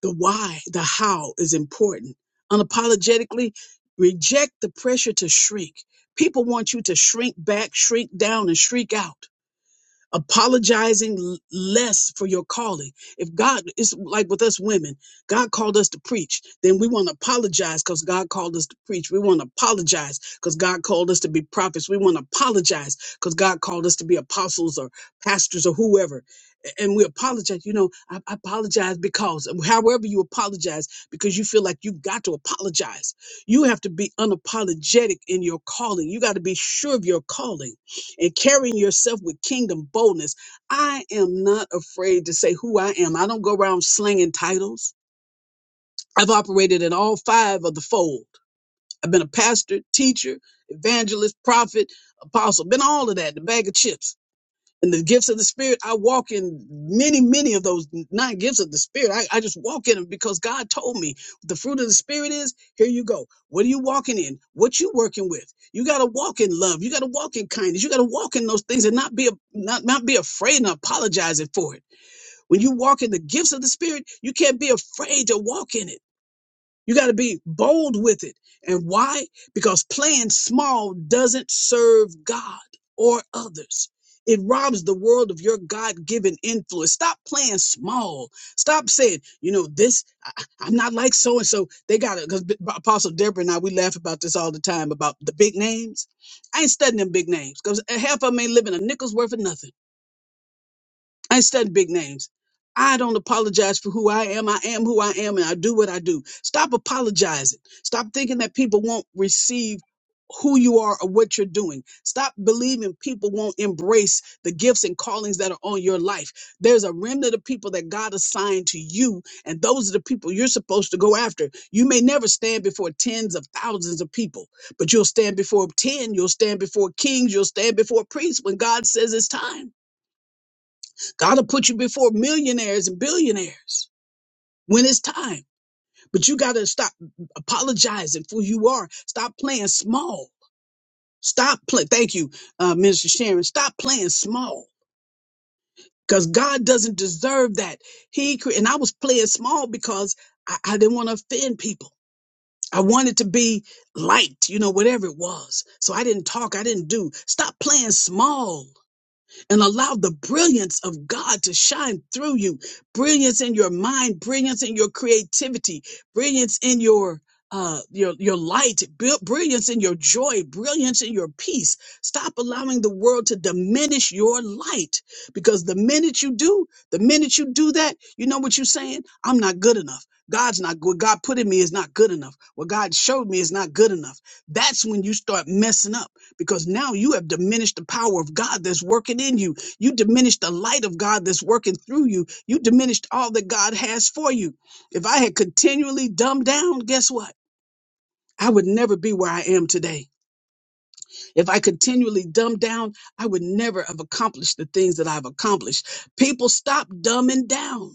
The why, the how is important. Unapologetically reject the pressure to shrink. People want you to shrink back, shrink down, and shrink out apologizing l- less for your calling. If God is like with us women, God called us to preach, then we want to apologize because God called us to preach. We want to apologize because God called us to be prophets. We want to apologize because God called us to be apostles or pastors or whoever. A- And we apologize, you know, I, I apologize because, however you apologize, because you feel like you've got to apologize. You have to be unapologetic in your calling. You got to be sure of your calling and carrying yourself with kingdom boldness. I am not afraid to say who I am. I don't go around slinging titles. I've operated in all five of the fold. I've been a pastor, teacher, evangelist, prophet, apostle, been all of that, the bag of chips. And the gifts of the Spirit, I walk in many, many of those nine gifts of the Spirit. I, I just walk in them because God told me the fruit of the Spirit is here you go. What are you walking in? What you working with? You got to walk in love. You got to walk in kindness. You got to walk in those things and not be, not, not be afraid and apologizing for it. When you walk in the gifts of the Spirit, you can't be afraid to walk in it. You got to be bold with it. And why? Because playing small doesn't serve God or others. It robs the world of your God given influence. Stop playing small. Stop saying, you know, this, I, I- I'm not like so and so. They got it. Because Apostle Deborah and I, we laugh about this all the time about the big names. I ain't studying them big names because half of them ain't living a nickel's worth of nothing. I study big names. I don't apologize for who I am. I am who I am and I do what I do. Stop apologizing. Stop thinking that people won't receive who you are or what you're doing. Stop believing people won't embrace the gifts and callings that are on your life. There's a remnant of people that God assigned to you, and those are the people you're supposed to go after. You may never stand before tens of thousands of people, but you'll stand before 10, you'll stand before kings, you'll stand before priests when God says it's time. God will put you before millionaires and billionaires when it's time. But you got to stop apologizing for who you are. Stop playing small. Stop playing. Thank you, uh, Minister Sharon. Stop playing small because God doesn't deserve that. He cre- and I was playing small because I, I didn't want to offend people. I wanted to be liked, you know, whatever it was. So I didn't talk. I didn't do. Stop playing small. and allow the brilliance of God to shine through you. Brilliance in your mind, brilliance in your creativity, brilliance in your uh your your light bri- brilliance in your joy brilliance in your peace stop allowing the world to diminish your light because the minute you do the minute you do that you know what you're saying i'm not good enough god's not good god put in me is not good enough what god showed me is not good enough that's when you start messing up because now you have diminished the power of God that's working in you. You diminished the light of God that's working through you. You diminished all that God has for you. If I had continually dumbed down, guess what? I would never be where I am today. If I continually dumbed down, I would never have accomplished the things that I've accomplished. People stop dumbing down.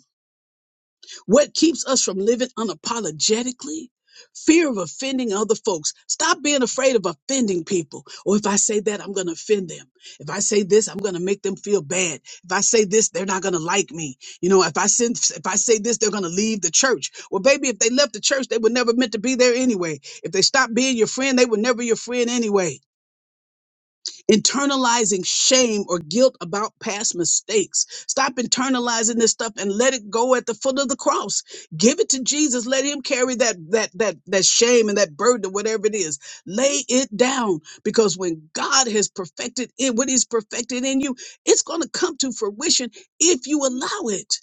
What keeps us from living unapologetically? Fear of offending other folks. Stop being afraid of offending people. Or if I say that, I'm going to offend them. If I say this, I'm going to make them feel bad. If I say this, they're not going to like me. You know, if I send, if I say this, they're going to leave the church. Well, baby, if they left the church, they were never meant to be there anyway. If they stopped being your friend, they were never your friend anyway internalizing shame or guilt about past mistakes. Stop internalizing this stuff and let it go at the foot of the cross. Give it to Jesus. Let him carry that that that that shame and that burden, whatever it is. Lay it down because when God has perfected it, what he's perfected in you, it's going to come to fruition if you allow it.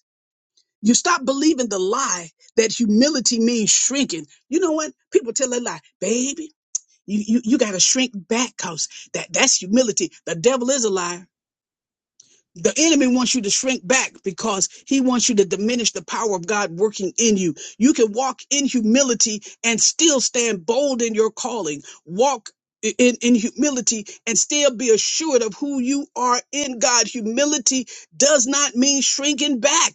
You stop believing the lie that humility means shrinking. You know what? People tell a lie. Baby, you you, you got to shrink back cause that that's humility. The devil is a liar. The enemy wants you to shrink back because he wants you to diminish the power of God working in you. You can walk in humility and still stand bold in your calling. Walk i- in, in humility and still be assured of who you are in God. Humility does not mean shrinking back.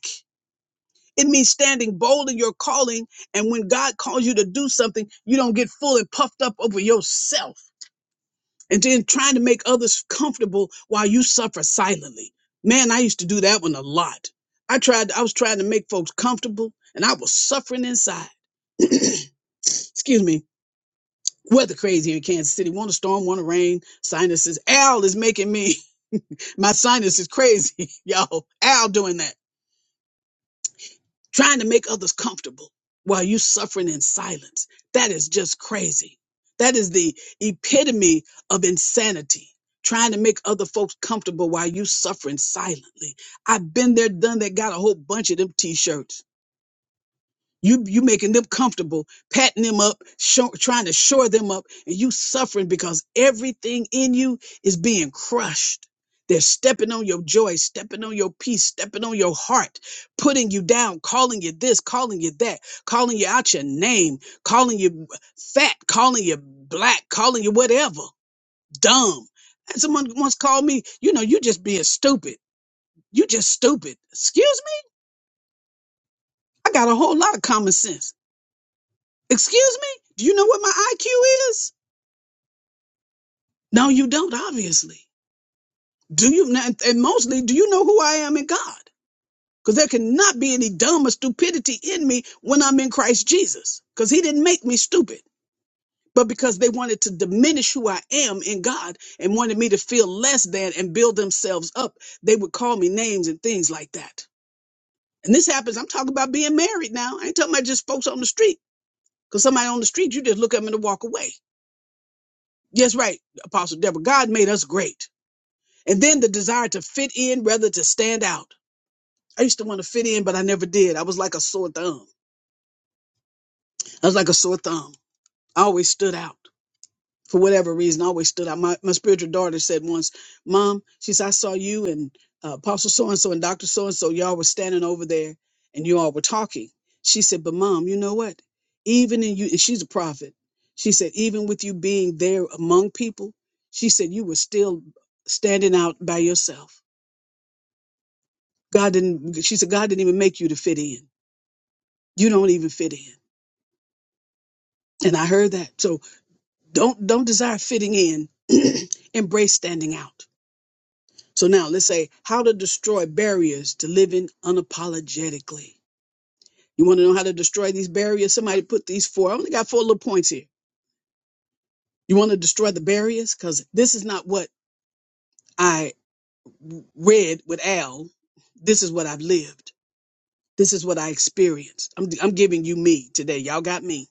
It means standing bold in your calling. And when God calls you to do something, you don't get full and puffed up over yourself and then trying to make others comfortable while you suffer silently. Man, I used to do that one a lot. I tried, I was trying to make folks comfortable and I was suffering inside. *clears throat* Excuse me. Weather crazy here in Kansas City. Want a storm, want a rain. Sinuses. Al is making me, *laughs* my sinus is crazy. *laughs* Yo, Al doing that. trying to make others comfortable while you suffering in silence. That is just crazy. That is the epitome of insanity. Trying to make other folks comfortable while you suffering silently. I've been there, done that, got a whole bunch of them t-shirts. You you making them comfortable, patting them up, show, trying to shore them up, and you suffering because everything in you is being crushed. They're stepping on your joy, stepping on your peace, stepping on your heart, putting you down, calling you this, calling you that, calling you out your name, calling you fat, calling you black, calling you whatever, dumb. And someone once called me, you know, you just being stupid. You just stupid. Excuse me? I got a whole lot of common sense. Excuse me? Do you know what my IQ is? No, you don't, obviously. Do you? And and mostly, do you know who I am in God? Because there cannot be any dumb or stupidity in me when I'm in Christ Jesus. Because he didn't make me stupid. But because they wanted to diminish who I am in God and wanted me to feel less than and build themselves up, they would call me names and things like that. And this happens. I'm talking about being married now. I ain't talking about just folks on the street. Because somebody on the street, you just look at them and walk away. Yes, right, Apostle Deborah. God made us great. And then the desire to fit in rather to stand out. I used to want to fit in, but I never did. I was like a sore thumb. I was like a sore thumb. I always stood out. for whatever reason, always stood out. My, my spiritual daughter said once, Mom, she said, I saw you and uh, Apostle so and so and Dr. so and so. Y'all were standing over there and you all were talking. She said, But Mom, you know what? Even in you, and she's a prophet, she said, Even with you being there among people, she said, You were still standing out by yourself. God didn't, she said, God didn't even make you to fit in. You don't even fit in. And I heard that. So don't, don't desire fitting in, *clears throat* embrace standing out So now let's say how to destroy barriers to living unapologetically. You want to know how to destroy these barriers? Somebody put these four. I only got four little points here. You want to destroy the barriers? Because this is not what I read with Al. This is what I've lived. This is what I experienced. I'm, I'm giving you me today. Y'all got me.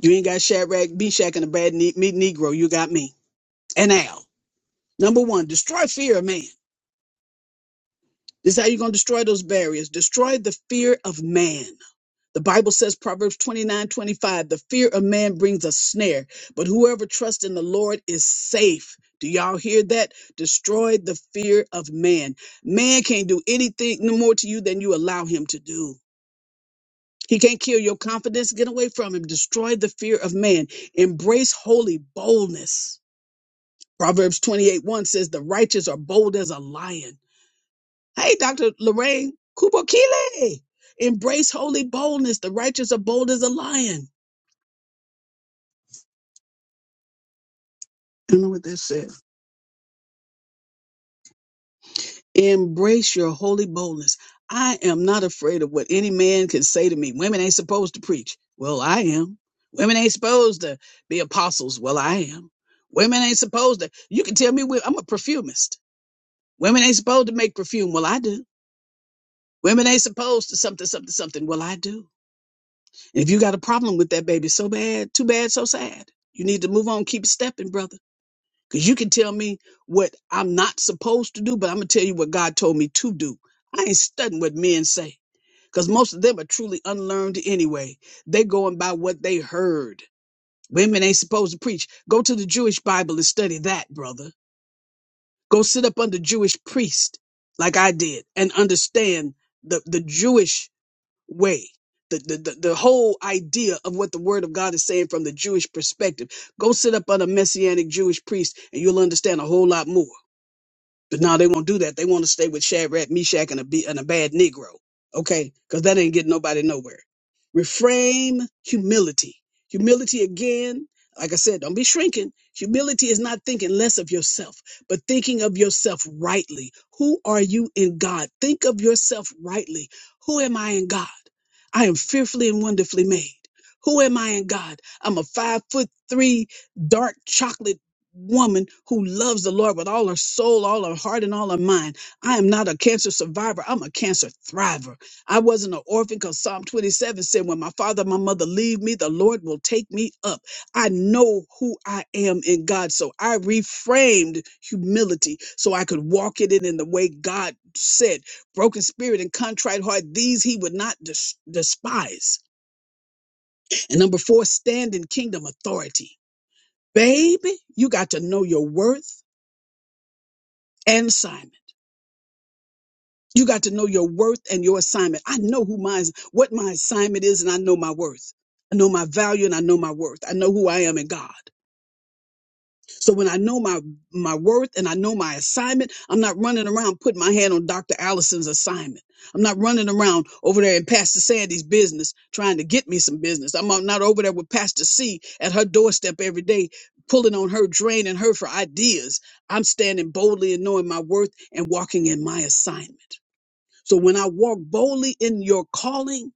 You ain't got Shadrach, Meshach, and a bad ne- meat Negro. You got me and Al. Number one, destroy fear of man. This is how you're going to destroy those barriers. Destroy the fear of man. The Bible says, Proverbs 29:25. the fear of man brings a snare, but whoever trusts in the Lord is safe. Do y'all hear that? Destroy the fear of man. Man can't do anything no more to you than you allow him to do. He can't kill your confidence. Get away from him. Destroy the fear of man. Embrace holy boldness. Proverbs 28 1 says, The righteous are bold as a lion. Hey, Dr. Lorraine Kubokile, embrace holy boldness. The righteous are bold as a lion. I don't know what that says. Embrace your holy boldness. I am not afraid of what any man can say to me. Women ain't supposed to preach. Well, I am. Women ain't supposed to be apostles. Well, I am. Women ain't supposed to. You can tell me we- I'm a perfumist. Women ain't supposed to make perfume. Well, I do. Women ain't supposed to something, something, something. Well, I do. And if you got a problem with that baby so bad, too bad, so sad. You need to move on, keep stepping, brother. Because you can tell me what I'm not supposed to do, but I'm going to tell you what God told me to do. I ain't studying what men say because most of them are truly unlearned anyway. they going by what they heard. Women ain't supposed to preach. Go to the Jewish Bible and study that, brother. Go sit up under Jewish priest like I did and understand the, the Jewish way. The, the, the, the whole idea of what the word of God is saying from the Jewish perspective. Go sit up under Messianic Jewish priest and you'll understand a whole lot more. But now they won't do that. They want to stay with Shadrach, Meshach, and a, be- and a bad Negro. Okay? Because that ain't getting nobody nowhere. Reframe humility. Humility again, like I said, don't be shrinking. Humility is not thinking less of yourself, but thinking of yourself rightly. Who are you in God? Think of yourself rightly. Who am I in God? I am fearfully and wonderfully made. Who am I in God? I'm a five foot three, dark chocolate woman who loves the Lord with all her soul, all her heart, and all her mind. I am not a cancer survivor. I'm a cancer thriver. I wasn't an orphan because Psalm 27 said, When my father and my mother leave me, the Lord will take me up. I know who I am in God. So I reframed humility so I could walk it in in the way God said. Broken spirit and contrite heart, these he would not des- despise. And number four, stand in kingdom authority. Baby, you got to know your worth. and assignment. You got to know your worth and your assignment. I know who my what my assignment is, and I know my worth. I know my value and I know my worth. I know who I am in God. So when I know my my worth and I know my assignment, I'm not running around putting my hand on Dr. Allison's assignment. I'm not running around over there in Pastor Sandy's business trying to get me some business. I'm not over there with Pastor C at her doorstep every day, pulling on her, draining her for ideas. I'm standing boldly and knowing my worth and walking in my assignment. So when I walk boldly in your calling,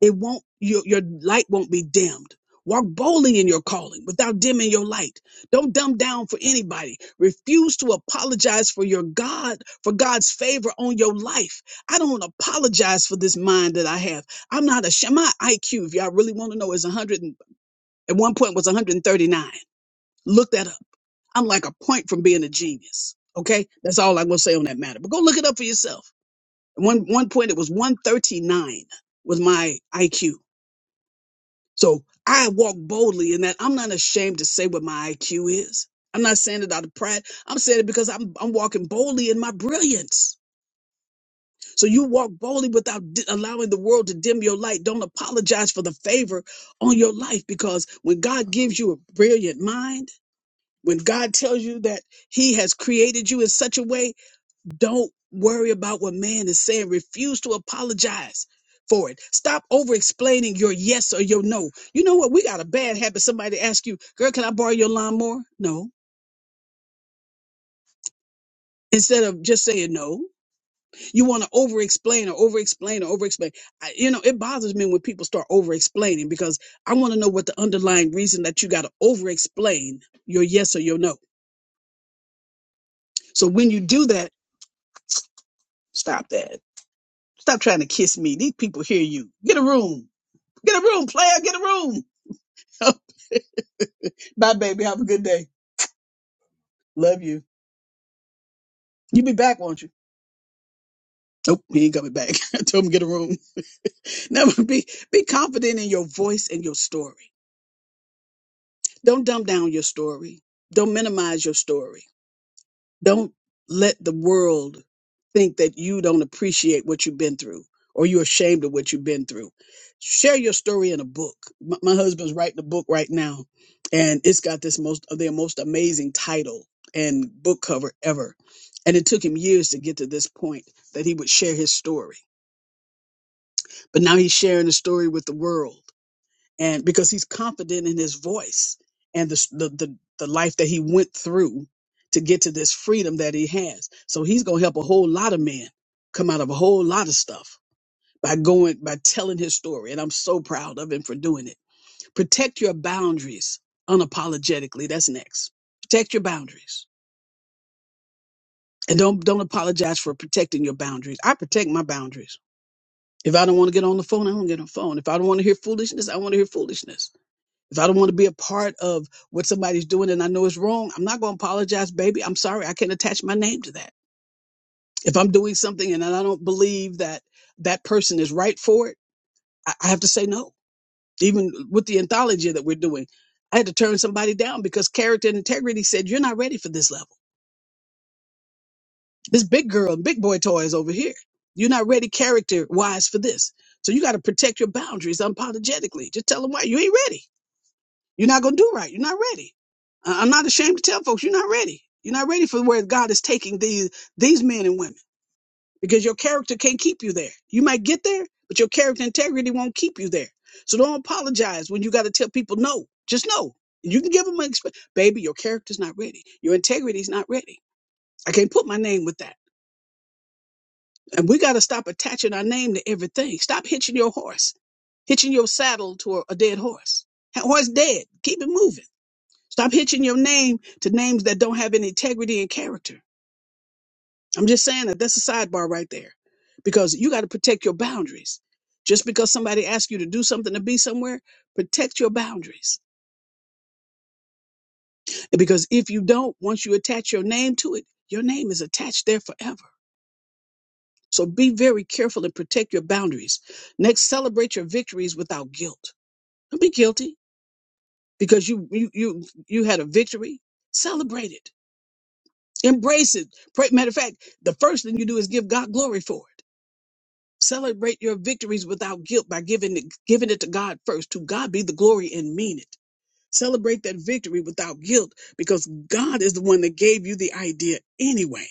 it won't your, your light won't be dimmed. Walk boldly in your calling without dimming your light. Don't dumb down for anybody. Refuse to apologize for your God, for God's favor on your life. I don't apologize for this mind that I have. I'm not ashamed. My IQ, if y'all really want to know, is 100. And, at one point was 139. Look that up. I'm like a point from being a genius. Okay, that's all I'm gonna say on that matter. But go look it up for yourself. One one point it was 139 was my IQ. So I walk boldly in that I'm not ashamed to say what my IQ is. I'm not saying it out of pride. I'm saying it because I'm I'm walking boldly in my brilliance. So you walk boldly without di- allowing the world to dim your light. Don't apologize for the favor on your life because when God gives you a brilliant mind, when God tells you that he has created you in such a way Don't worry about what man is saying. Refuse to apologize for it. Stop over explaining your yes or your no. You know what? We got a bad habit. Somebody ask you, girl, can I borrow your lawnmower? No. Instead of just saying no, you want to over explain or over explain or over explain. You know, it bothers me when people start over explaining because I want to know what the underlying reason that you got to over explain your yes or your no. So when you do that, stop that. Stop trying to kiss me. These people hear you. Get a room. Get a room, player. Get a room. *laughs* Bye, baby. Have a good day. Love you. You be back, won't you? Nope, he ain't coming back. *laughs* I told him get a room. *laughs* Never be be confident in your voice and your story. Don't dumb down your story. Don't minimize your story. Don't let the world think that you don't appreciate what you've been through or you're ashamed of what you've been through. Share your story in a book. My, my husband's writing a book right now, and it's got this most the most amazing title and book cover ever. And it took him years to get to this point that he would share his story. But now he's sharing the story with the world and because he's confident in his voice and the the the, the life that he went through to get to this freedom that he has. So he's going to help a whole lot of men come out of a whole lot of stuff by going by telling his story and I'm so proud of him for doing it. Protect your boundaries unapologetically. That's next. Protect your boundaries. And don't don't apologize for protecting your boundaries. I protect my boundaries. If I don't want to get on the phone, I don't get on the phone. If I don't want to hear foolishness, I want to hear foolishness. If I don't want to be a part of what somebody's doing and I know it's wrong, I'm not going to apologize, baby. I'm sorry. I can't attach my name to that. If I'm doing something and I don't believe that that person is right for it, I I have to say no. Even with the anthology that we're doing, I had to turn somebody down because character and integrity said, you're not ready for this level. This big girl and big boy toys over here. You're not ready character wise for this. So you got to protect your boundaries unapologetically. Just tell them why you ain't ready. You're not going to do right. You're not ready. I- I'm not ashamed to tell folks you're not ready. You're not ready for where God is taking these these men and women because your character can't keep you there. You might get there, but your character integrity won't keep you there. So don't apologize when you got to tell people no. Just no. You can give them an exp- baby. Your character's not ready. Your integrity's not ready. I can't put my name with that. And we got to stop attaching our name to everything. Stop hitching your horse, hitching your saddle to a, a dead horse. That horse dead. Keep it moving. Stop hitching your name to names that don't have any integrity and character. I'm just saying that that's a sidebar right there because you got to protect your boundaries. Just because somebody asks you to do something to be somewhere, protect your boundaries. And because if you don't, once you attach your name to it, your name is attached there forever. So be very careful and protect your boundaries. Next, celebrate your victories without guilt. Don't be guilty because you you you you had a victory. Celebrate it Embrace it. Pray, matter of fact, the first thing you do is give God glory for it. Celebrate your victories without guilt by giving it, giving it to God first. To God be the glory and mean it. Celebrate that victory without guilt because God is the one that gave you the idea anyway.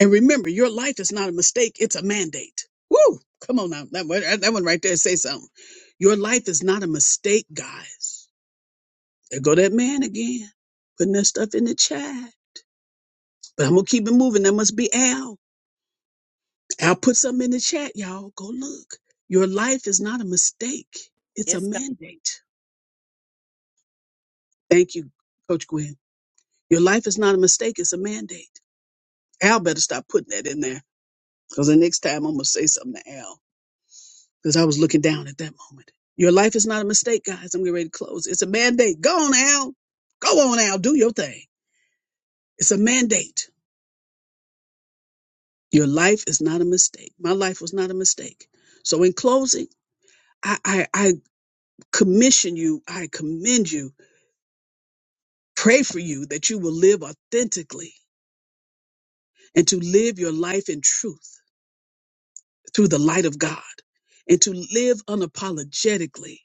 And remember, your life is not a mistake, it's a mandate. Woo! Come on now. That one, that one right there, say something. Your life is not a mistake, guys. There go that man again, putting that stuff in the chat. But I'm going to keep it moving. That must be Al. I'll put something in the chat, y'all. Go look. Your life is not a mistake, it's a
Yes, God.
mandate. Thank you, Coach Gwen. Your life is not a mistake, it's a mandate. Al better stop putting that in there because the next time I'm going to say something to Al because I was looking down at that moment. Your life is not a mistake, guys. I'm getting ready to close. It's a mandate. Go on, Al. Go on, Al. Do your thing. It's a mandate. Your life is not a mistake. My life was not a mistake. So, in closing, I, I, I commission you, I commend you Pray for you that you will live authentically and to live your life in truth through the light of God and to live unapologetically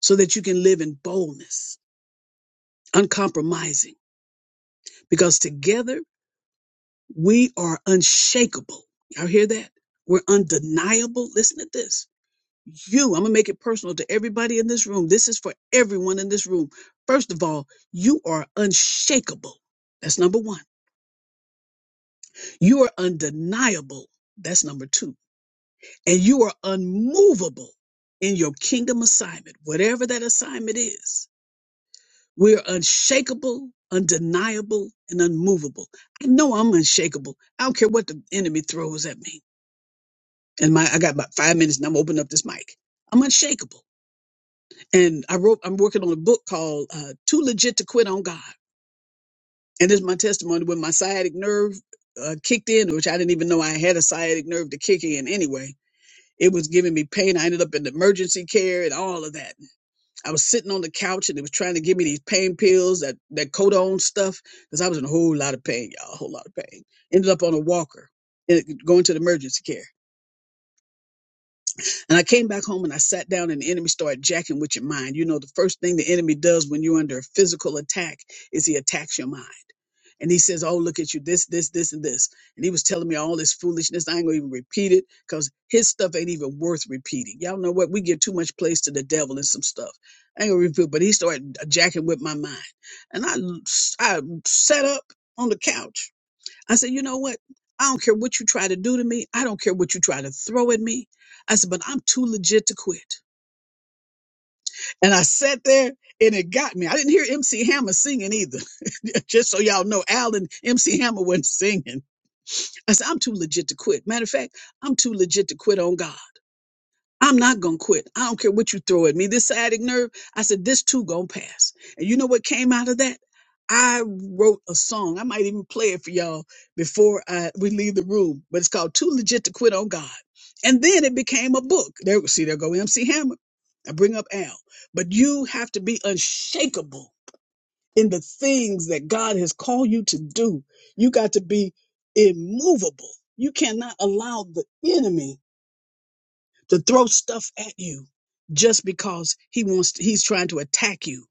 so that you can live in boldness, uncompromising, because together we are unshakable. Y'all hear that? We're undeniable. Listen to this. You, I'm going to make it personal to everybody in this room. This is for everyone in this room. First of all, you are unshakable. That's number one. You are undeniable. That's number two and you are unmovable in your kingdom assignment, whatever that assignment is. We're unshakable, undeniable, and unmovable. I know I'm unshakable. I don't care what the enemy throws at me. And my, I got about five minutes, and I'm opening up this mic. I'm unshakable, and I wrote. I'm working on a book called uh, "Too Legit to Quit on God," and this is my testimony when my sciatic nerve uh, kicked in, which I didn't even know I had a sciatic nerve to kick in anyway. It was giving me pain. I ended up in emergency care and all of that I was sitting on the couch and they was trying to give me these pain pills, that that codone stuff, because I was in a whole lot of pain, y'all, a whole lot of pain. Ended up on a walker, and going to the emergency care. And I came back home and I sat down and the enemy started jacking with your mind. You know, the first thing the enemy does when you're under a physical attack is he attacks your mind. And he says, Oh, look at you, this, this, this, and this. And he was telling me all this foolishness. I ain't gonna even repeat it because his stuff ain't even worth repeating. Y'all know what? We give too much place to the devil and some stuff. I ain't gonna repeat, it, but he started jacking with my mind. And I, I sat up on the couch I said, you know what? I don't care what you try to do to me. I don't care what you try to throw at me. I said, but I'm too legit to quit. And I sat there and it got me. I didn't hear MC Hammer singing either. *laughs* Just so y'all know, Al and MC Hammer wasn't singing. I said, I'm too legit to quit. Matter of fact, I'm too legit to quit on God. I'm not gonna quit. I don't care what you throw at me. This sciatic nerve, I said, this too gonna pass. And you know what came out of that? I wrote a song. I might even play it for y'all before I we leave the room. But it's called "Too Legit to Quit on God." And then it became a book. There, see, there go MC Hammer. I bring up Al. But you have to be unshakable in the things that God has called you to do. You got to be immovable. You cannot allow the enemy to throw stuff at you just because he wants to, he's trying to attack you.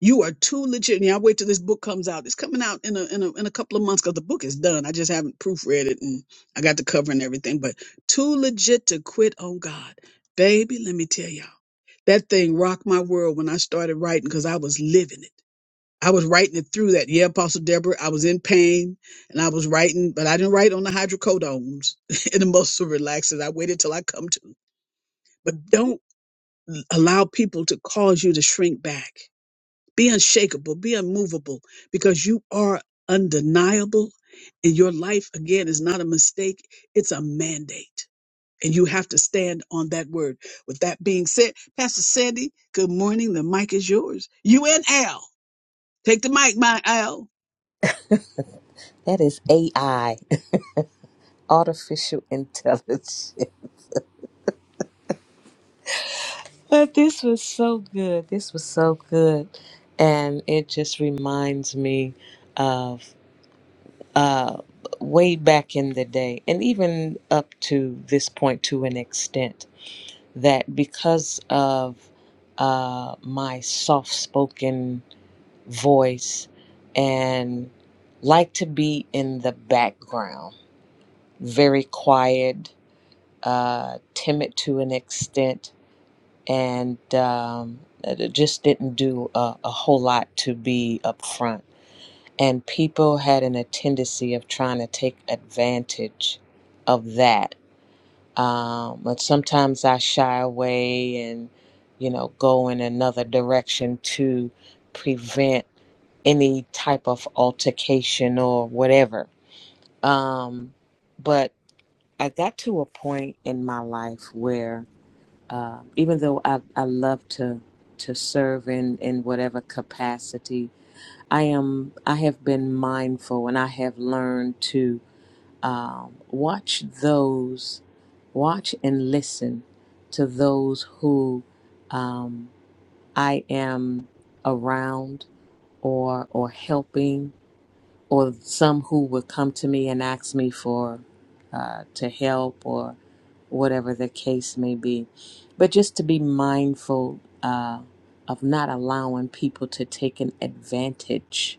You are too legit. And I wait till this book comes out. It's coming out in a in a, in a couple of months because the book is done. I just haven't proofread it and I got the cover and everything. But too legit to quit on God, baby. Let me tell y'all, that thing rocked my world when I started writing because I was living it. I was writing it through that. Yeah, Apostle Deborah, I was in pain and I was writing, but I didn't write on the hydrocodones *laughs* and the muscle relaxers. I waited till I come to. But don't allow people to cause you to shrink back. Be unshakable, be unmovable, because you are undeniable and your life, again, is not a mistake, it's a mandate. And you have to stand on that word. With that being said, Pastor Sandy, good morning. The mic is yours. You and Al. Take the mic, my Al.
That is AI, *laughs* artificial intelligence. But this was so good. This was so good. And it just reminds me of uh, way back in the day, and even up to this point to an extent, that because of uh, my soft spoken voice and like to be in the background, very quiet, uh, timid to an extent, and um, just didn't do a, a whole lot to be up front. And people had an, a tendency of trying to take advantage of that um, but sometimes I shy away and you know go in another direction to prevent any type of altercation or whatever. Um, but I got to a point in my life where uh, even though I, I love to to serve in, in whatever capacity, I am I have been mindful and I have learned to um, watch those, watch and listen to those who um, I am around or or helping, or some who will come to me and ask me for uh, to help or whatever the case may be. But just to be mindful uh, of not allowing people to take an advantage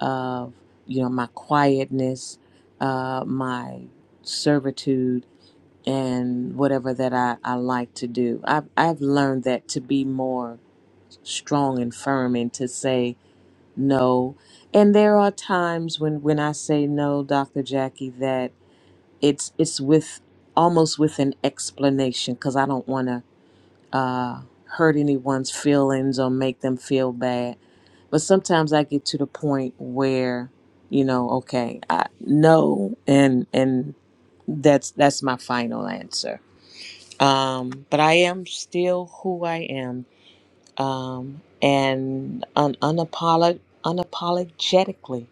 of you know my quietness uh, my servitude and whatever that I, I like to do I've, I've learned that to be more strong and firm and to say no and there are times when when i say no dr jackie that it's it's with almost with an explanation because i don't want to uh, hurt anyone's feelings or make them feel bad but sometimes I get to the point where, you know, okay, I no, and and that's that's my final answer. Um, but I am still who I am, um, and un- unapolog- unapologetically,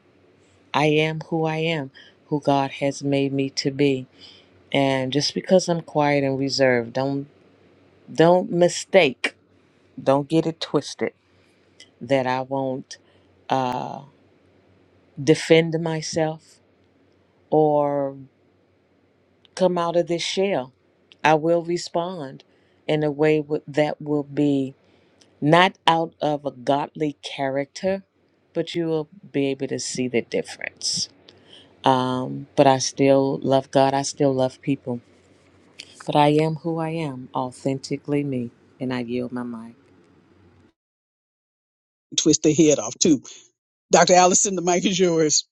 I am who I am, who God has made me to be. And just because I'm quiet and reserved, don't don't mistake, don't get it twisted that I won't uh, defend myself or come out of this shell. I will respond in a way wi- that will be not out of a godly character, but you will be able to see the difference. Um, but I still love God. I still love people. But I am who I am, authentically me, and I yield my mind.
Twist their head off, too. Dr. Allison, the mic is yours.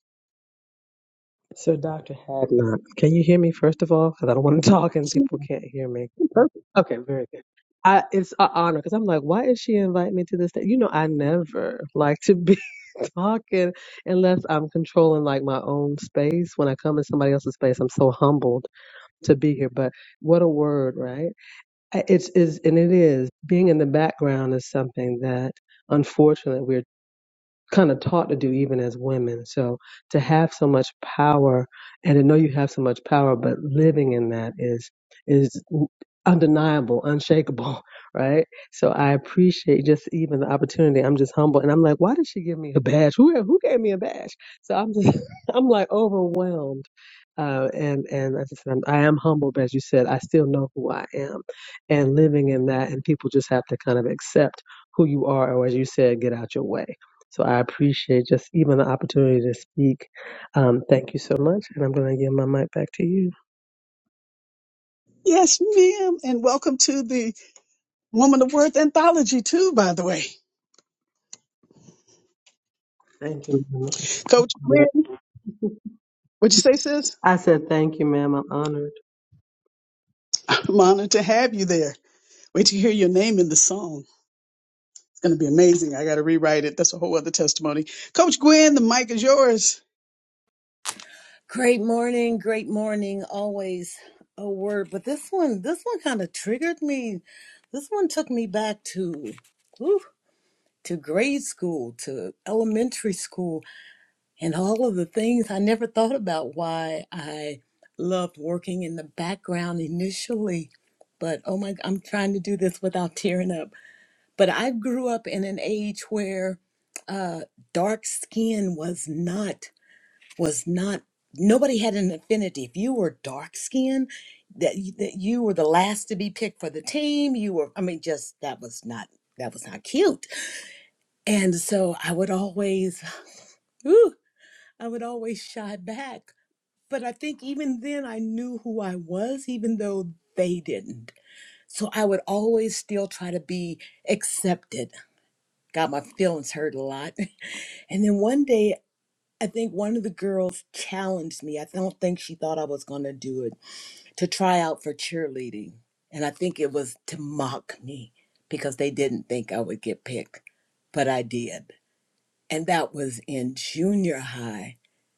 So, Dr. Hadnot, can you hear me first of all? Because I don't want to *laughs* talk and people can't hear me. Okay, very good. I, it's an honor because I'm like, why is she inviting me to this? thing? You know, I never *laughs* like to be *laughs* talking unless I'm controlling like my own space. When I come in somebody else's space, I'm so humbled to be here. But what a word, right? I- It's is and it is being in the background is something that unfortunately we're kind of taught to do even as women. So to have so much power and to know you have so much power, but living in that is is undeniable, unshakable, *laughs* right? So I appreciate just even the opportunity. I'm just humble and I'm like, why did she give me a badge? Who who gave me a badge? So I'm just *laughs* I'm like overwhelmed uh, and and as I said, I'm, I am humbled, but as you said, I still know who I am, and living in that, and people just have to kind of accept who you are, or as you said, get out your way. So I appreciate just even the opportunity to speak. Um, thank you so much, and I'm going to give my mic back to you.
Yes, ma'am. And welcome to the Woman of Worth anthology, too, by the way.
Thank you, ma'am.
Coach Gwen, what'd you say, sis?
I said thank you, ma'am. I'm honored.
I'm honored to have you there. Wait to hear your name in the song. It's going to be amazing. I got to rewrite it. That's a whole other testimony. Coach Gwen, the mic is yours.
Great morning, great morning. Always a word, but this one, this one kind of triggered me. This one took me back to, ooh, to grade school, to elementary school, and all of the things I never thought about. Why I loved working in the background initially, but oh my, I'm trying to do this without tearing up. But I grew up in an age where uh, dark skin was not. was not nobody had an affinity if you were dark skinned that you, that you were the last to be picked for the team you were i mean just that was not that was not cute and so i would always *laughs* ooh, i would always shy back but i think even then i knew who i was even though they didn't so i would always still try to be accepted got my feelings hurt a lot *laughs* and then one day I think one of the girls challenged me. I don't think she thought I was going to do it to try out for cheerleading. And I think it was to mock me because they didn't think I would get picked, but I did. And that was in junior high.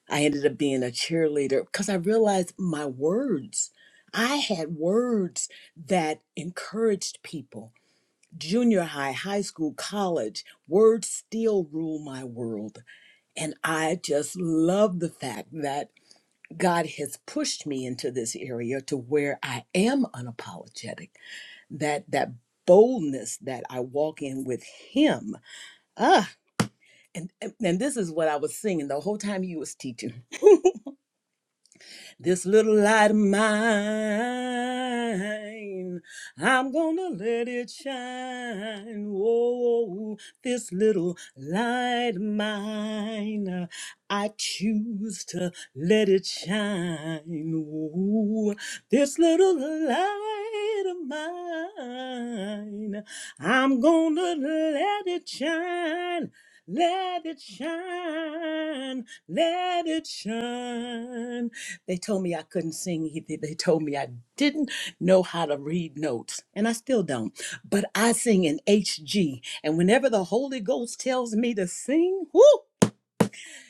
I ended up being a cheerleader because I realized my words. I had words that encouraged people. Junior high, high school, college, words still rule my world. And I just love the fact that God has pushed me into this area to where I am unapologetic. That that boldness that I walk in with Him. Ah, and and this is what I was singing the whole time you was teaching. This little light of mine, I'm gonna let it shine. Whoa, this little light of mine, I choose to let it shine. Ooh, this little light of mine, I'm gonna let it shine. Let it shine, let it shine. They told me I couldn't sing either. They told me I didn't know how to read notes, and I still don't. But I sing in HG, and whenever the Holy Ghost tells me to sing, whoo,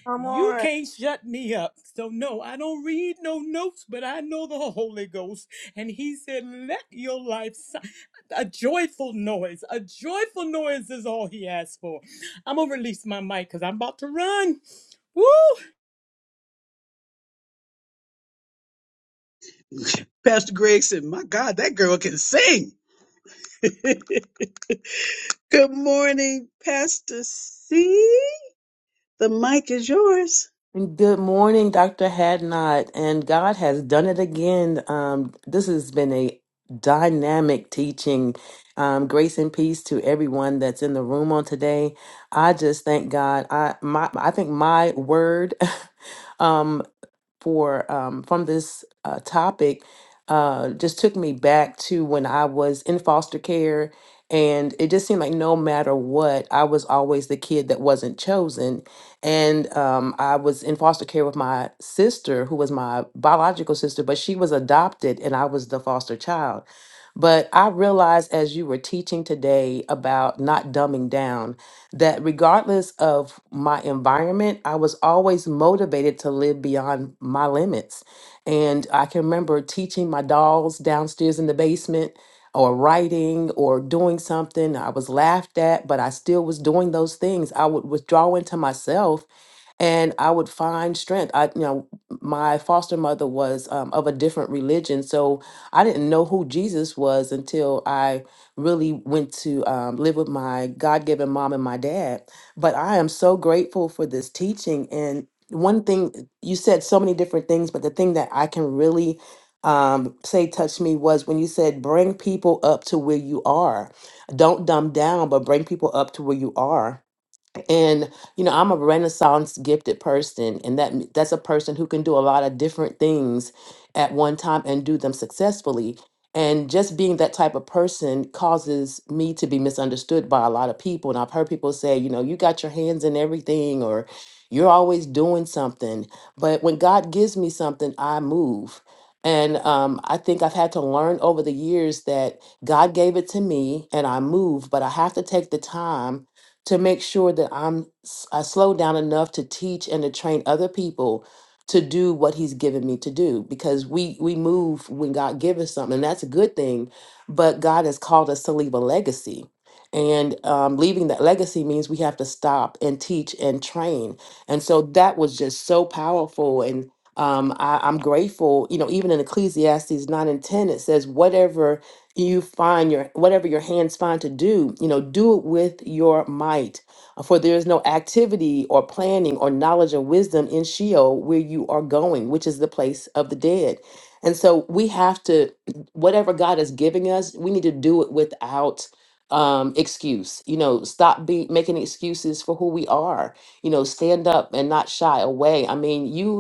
Good
you
morning.
can't shut me up. So, no, I don't read no notes, but I know the Holy Ghost. And He said, Let your life si- a joyful noise. A joyful noise is all He asked for. I'm going to release my mic because I'm about to run. Woo!
*laughs* Pastor Greg said, My God, that girl can sing. *laughs* Good morning, Pastor C. The mic is yours.
Good morning, Dr. Hadnot. And God has done it again. Um, this has been a dynamic teaching. Um, grace and peace to everyone that's in the room on today. I just thank God. I my I think my word *laughs* um, for um, from this uh, topic uh, just took me back to when I was in foster care, and it just seemed like no matter what, I was always the kid that wasn't chosen. And um, I was in foster care with my sister, who was my biological sister, but she was adopted, and I was the foster child. But I realized as you were teaching today about not dumbing down, that regardless of my environment, I was always motivated to live beyond my limits. And I can remember teaching my dolls downstairs in the basement or writing or doing something. I was laughed at, but I still was doing those things. I would withdraw into myself and I would find strength. I, you know, my foster mother was um, of a different religion, so I didn't know who Jesus was until I really went to um, live with my God-given mom and my dad. But I am so grateful for this teaching. And one thing you said, so many different things, but the thing that I can really um, say touched me was when you said, "Bring people up to where you are. Don't dumb down, but bring people up to where you are." and you know i'm a renaissance gifted person and that that's a person who can do a lot of different things at one time and do them successfully and just being that type of person causes me to be misunderstood by a lot of people and i've heard people say you know you got your hands in everything or you're always doing something but when god gives me something i move and um, i think i've had to learn over the years that god gave it to me and i move but i have to take the time to make sure that I'm s- I slow down enough to teach and to train other people to do what he's given me to do because we we move when God gives us something and that's a good thing but God has called us to leave a legacy and um, leaving that legacy means we have to stop and teach and train and so that was just so powerful and um, I, I'm grateful you know even in Ecclesiastes 9 and 10 it says whatever you find your whatever your hands find to do you know do it with your might Uh, for there is no activity or planning or knowledge or wisdom in sheol where you are going which is the place of the dead and so we have to whatever god is giving us we need to do it without um excuse you know stop be making excuses for who we are you know stand up and not shy away i mean you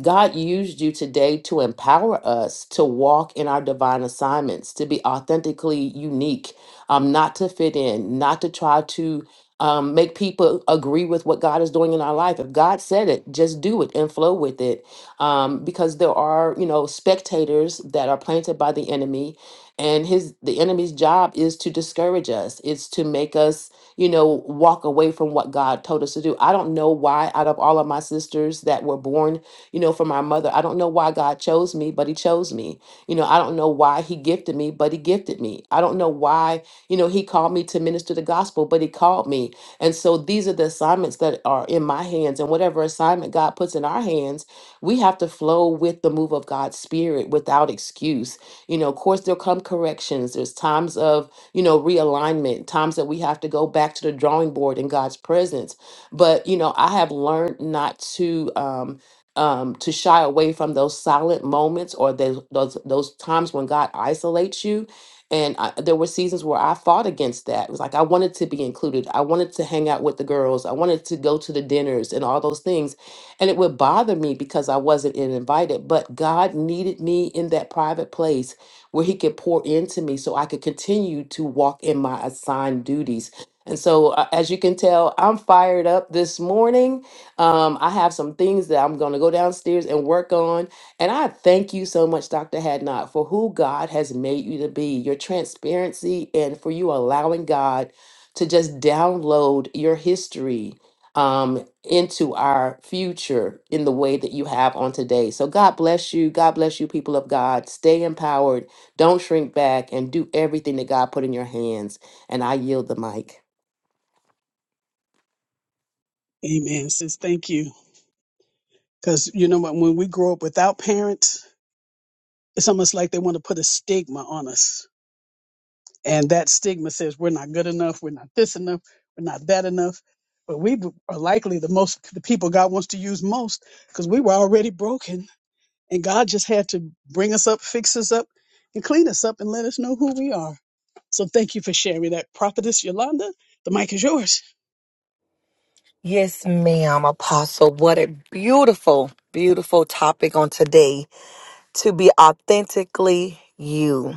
God used you today to empower us to walk in our divine assignments, to be authentically unique, um, not to fit in, not to try to um, make people agree with what God is doing in our life. If God said it, just do it and flow with it. Um, because there are, you know, spectators that are planted by the enemy, and his the enemy's job is to discourage us. It's to make us, you know, walk away from what God told us to do. I don't know why, out of all of my sisters that were born you know, for my mother. I don't know why God chose me, but He chose me. You know, I don't know why He gifted me, but He gifted me. I don't know why, you know, He called me to minister the gospel, but He called me. And so these are the assignments that are in my hands. And whatever assignment God puts in our hands, we have to flow with the move of God's Spirit without excuse. You know, of course, there'll come corrections. There's times of, you know, realignment, times that we have to go back to the drawing board in God's presence. But, you know, I have learned not to. Um, um, to shy away from those silent moments or those those, those times when God isolates you. And I, there were seasons where I fought against that. It was like I wanted to be included. I wanted to hang out with the girls. I wanted to go to the dinners and all those things. And it would bother me because I wasn't in- invited. But God needed me in that private place where He could pour into me so I could continue to walk in my assigned duties. And so, uh, as you can tell, I'm fired up this morning um, I have some things that I'm going to go downstairs and work on. And I thank you so much, Dr. Hadnot, for who God has made you to be, your transparency, and for you allowing God to just download your history um, into our future in the way that you have on today. So God bless you. God bless you, people of God. Stay empowered. Don't shrink back and do everything that God put in your hands. And I yield the mic.
Amen, sis. Thank you. Because you know what? When we grow up without parents, it's almost like they want to put a stigma on us and that stigma says we're not good enough, we're not this enough, we're not that enough. But we b- are likely the most the people God wants to use most because we were already broken and God just had to bring us up, fix us up, and clean us up and let us know who we are. So thank you for sharing that. Prophetess Yolanda, the mic is yours.
Yes, ma'am, Apostle. What a beautiful, beautiful topic on today to be authentically you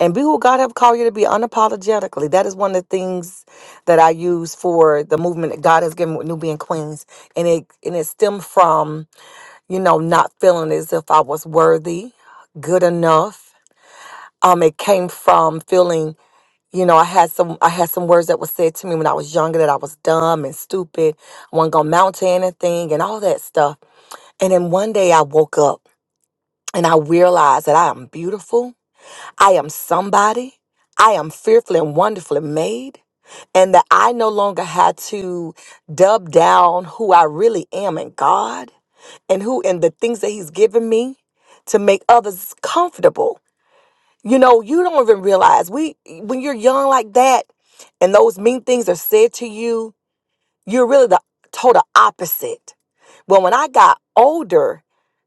and be who God have called you to be unapologetically. That is one of the things that I use for the movement that God has given with Nubian Queens, and it and it stemmed from you know not feeling as if I was worthy, good enough. Um, it came from feeling you know, I had some I had some words that were said to me when I was younger that I was dumb and stupid, wasn't gonna mount to anything and all that stuff. And then one day I woke up and I realized that I am beautiful, I am somebody, I am fearfully and wonderfully made, and that I no longer had to dub down who I really am in God and who and the things that He's given me to make others comfortable you know, you don't even realize we when you're young like that and those mean things are said to you, you're really the total opposite. But when I got older,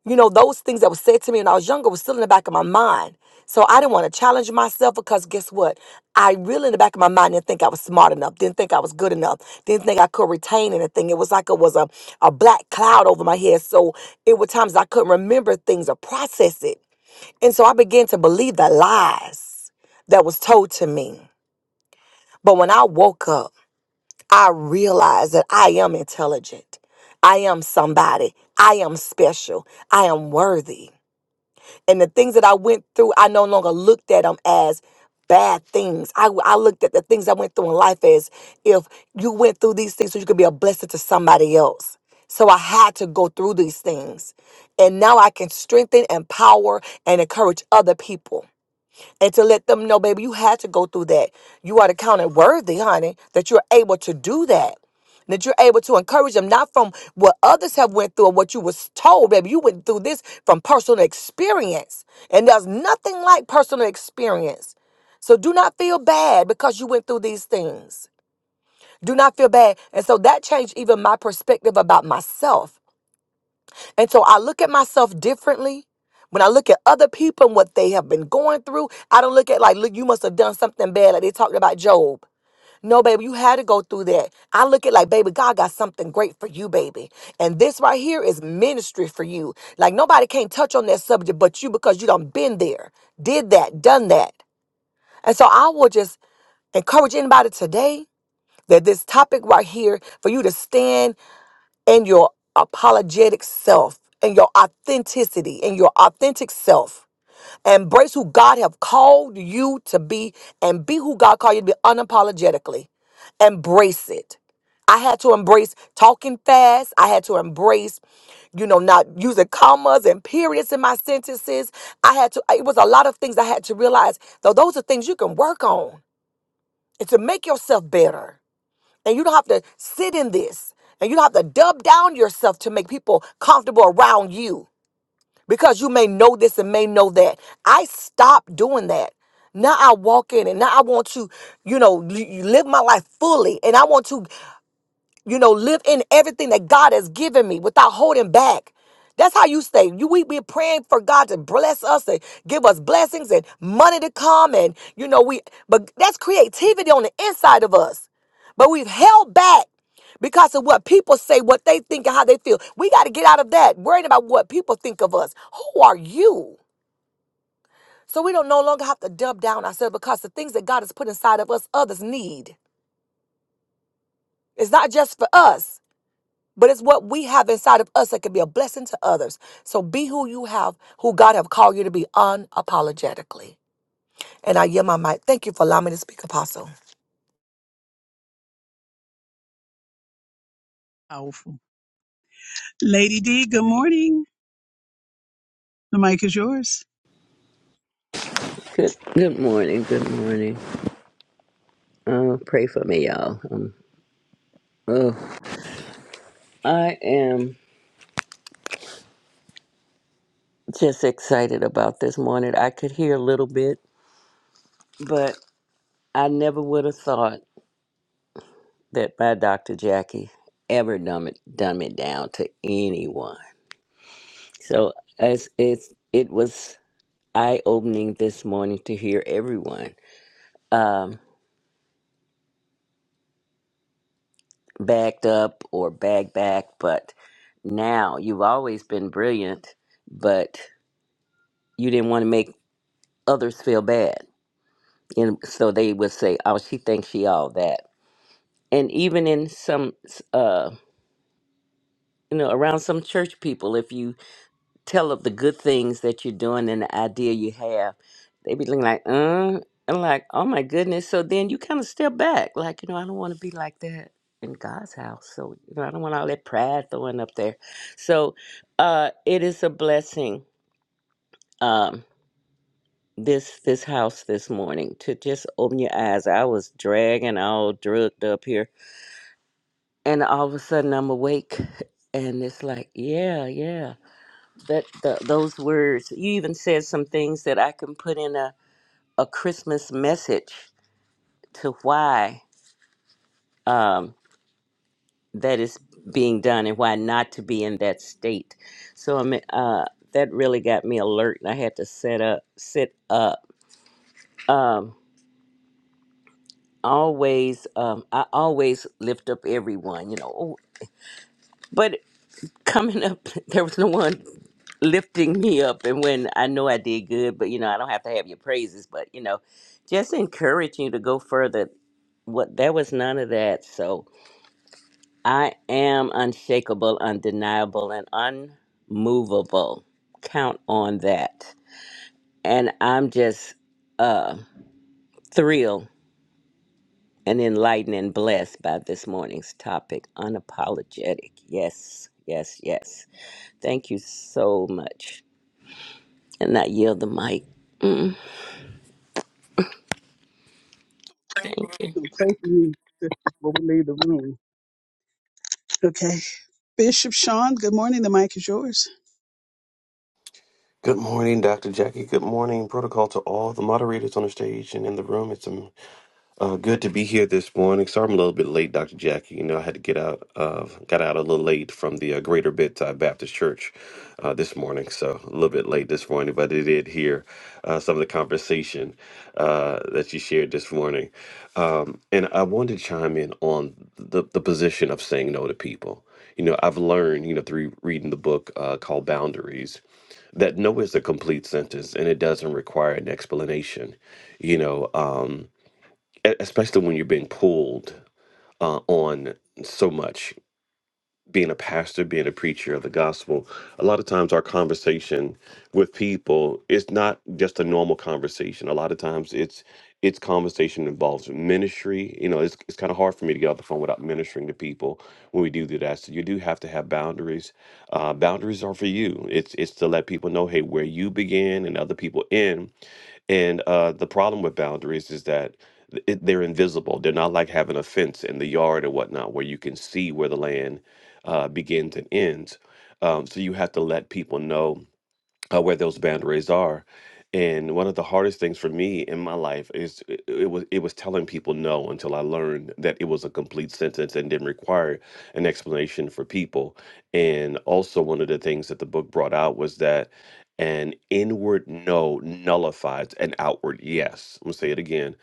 you know, those things that were said to me when I was younger was still in the back of my mind. So I didn't want to challenge myself because guess what? I really in the back of my mind didn't think I was smart enough, didn't think I was good enough, didn't think I could retain anything. It was like it was a, a black cloud over my head. So it were times I couldn't remember things or process it. And so I began to believe the lies that was told to me. But when I woke up, I realized that I am intelligent. I am somebody. I am special. I am worthy. And the things that I went through, I no longer looked at them as bad things. I, I looked at the things I went through in life as if you went through these things so you could be a blessing to somebody else. So I had to go through these things. And now I can strengthen, empower, and encourage other people and to let them know, baby, you had to go through that. You are the counted worthy, honey, that you're able to do that. That you're able to encourage them, not from what others have went through or what you was told, baby. You went through this from personal experience, and there's nothing like personal experience. So do not feel bad because you went through these things. Do not feel bad, and so that changed even my perspective about myself and so I look at myself differently. When I look at other people and what they have been going through, I don't look at like, look, you must have done something bad, like they talked about Job. No, baby, you had to go through that. I look at like, baby, God got something great for you, baby. And this right here is ministry for you. Like nobody can't touch on that subject but you because you done been there, did that, done that. And so I will just encourage anybody today that this topic right here for you to stand and your apologetic self and your authenticity and your authentic self. Embrace who God have called you to be and be who God called you to be unapologetically. Embrace it. I had to embrace talking fast. I had to embrace, you know, not using commas and periods in my sentences. I had to, it was a lot of things I had to realize. Though those are things you can work on and to make yourself better. And you don't have to sit in this. And you don't have to dub down yourself to make people comfortable around you because you may know this and may know that. I stopped doing that. Now I walk in and now I want to, you know, li- live my life fully. And I want to you know, live in everything that God has given me without holding back. That's how you stay. You we be praying for God to bless us and give us blessings and money to come and you know we but that's creativity on the inside of us. But we've held back because of what people say, what they think, and how they feel. We got to get out of that, worrying about what people think of us. Who are you? So we don't no longer have to dub down ourselves because the things that God has put inside of us, others need. It's not just for us. but it's what we have inside of us that can be a blessing to others. So be who you have, who God have called you to be unapologetically. And I yield my mic. Thank you for allowing me to speak, Apostle.
Powerful. Lady D, good morning. The mic is yours.
Good, good morning. Good morning. Uh, pray for me, y'all. Um, oh, I am just excited about this morning. I could hear a little bit, but I never would have thought that my Dr. Jackie ever dumb it, dumb it down to anyone. So as it's, it was eye opening this morning to hear everyone um, backed up or bag back, but now you've always been brilliant, but you didn't want to make others feel bad. And so they would say, "Oh, she thinks she all that." And even in some, uh, you know, around some church people, if you tell of the good things that you're doing and the idea you have, they be looking like, "Uh," and like, "Oh my goodness." So then you kind of step back, like, you know, I don't want to be like that in God's house. So you know, I don't want all that pride throwing up there. So uh, it is a blessing. Um, this this house this morning to just open your eyes. I was dragging all drugged up here, and all of a sudden I'm awake, and it's like, yeah, yeah, that the, those words. You even said some things that I can put in a a Christmas message to why um, that is being done and why not to be in that state. So i mean, uh, that really got me alert, and I had to set up, sit up. Um, always um I always lift up everyone, you know. oh, But coming up *laughs* there was no one lifting me up and when I know I did good, but you know, I don't have to have your praises, but you know, just encourage you to go further. What there was none of that. So I am unshakable, undeniable, and unmovable. Count on that. And I'm just uh, thrilled and enlightened and blessed by this morning's topic unapologetic. Yes, yes, yes. Thank you so much. And I yield the mic. Thank you.
Don't pray for you before *laughs* we leave the room. Okay. Bishop Sean, good morning. The mic is yours.
Good morning, Dr. Jackie. Good morning, protocol to all the moderators on the stage and in the room. It's a uh, good to be here this morning. Sorry I'm a little bit late, Dr. Jackie. You know, I had to get out of, got out a little late from the uh, Greater Bedside Baptist Church uh, this morning. So a little bit late this morning, but I did hear uh, some of the conversation uh, that you shared this morning. Um, and I wanted to chime in on the, the position of saying no to people. You know, I've learned, you know, through reading the book uh, called Boundaries, that no is a complete sentence and it doesn't require an explanation. You know, um, e- especially when you're being pulled uh, on so much being a pastor being a preacher of the gospel a lot of times our conversation with people is not just a normal conversation a lot of times it's it's conversation involves ministry you know it's, it's kind of hard for me to get off the phone without ministering to people when we do do that so you do have to have boundaries uh, boundaries are for you it's it's to let people know hey where you begin and other people end and uh, the problem with boundaries is that it, they're invisible. They're not like having a fence in the yard or whatnot where you can see where the land uh, begins and ends. Um, so you have to let people know uh, where those boundaries are. And one of the hardest things for me in my life is it, it was it was telling people no until I learned that it was a complete sentence and didn't require an explanation for people. And also one of the things that the book brought out was that an inward no nullifies an outward yes. I'm gonna say it again.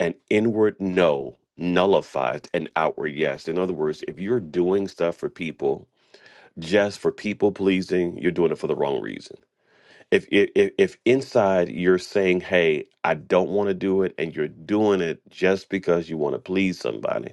An inward no nullifies an outward yes. In other words, if you're doing stuff for people just for people pleasing, you're doing it for the wrong reasons if if if inside you're saying hey i don't want to do it and you're doing it just because you want to please somebody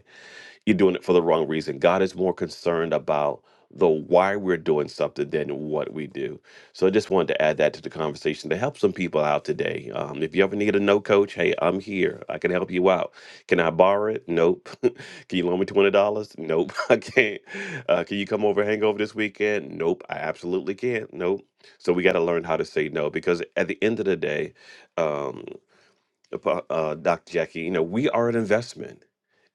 you're doing it for the wrong reason. God is more concerned about the why we're doing something than what we do. So I just wanted to add that to the conversation to help some people out today. Um, if you ever need a no coach, hey, I'm here. I can help you out. Can I borrow it? Nope. *laughs* can you loan me twenty dollars? Nope, *laughs* I can't. Uh, can you come over hangover this weekend? Nope, I absolutely can't. Nope. So we got to learn how to say no because at the end of the day, um, uh, Doc Jackie, you know, we are an investment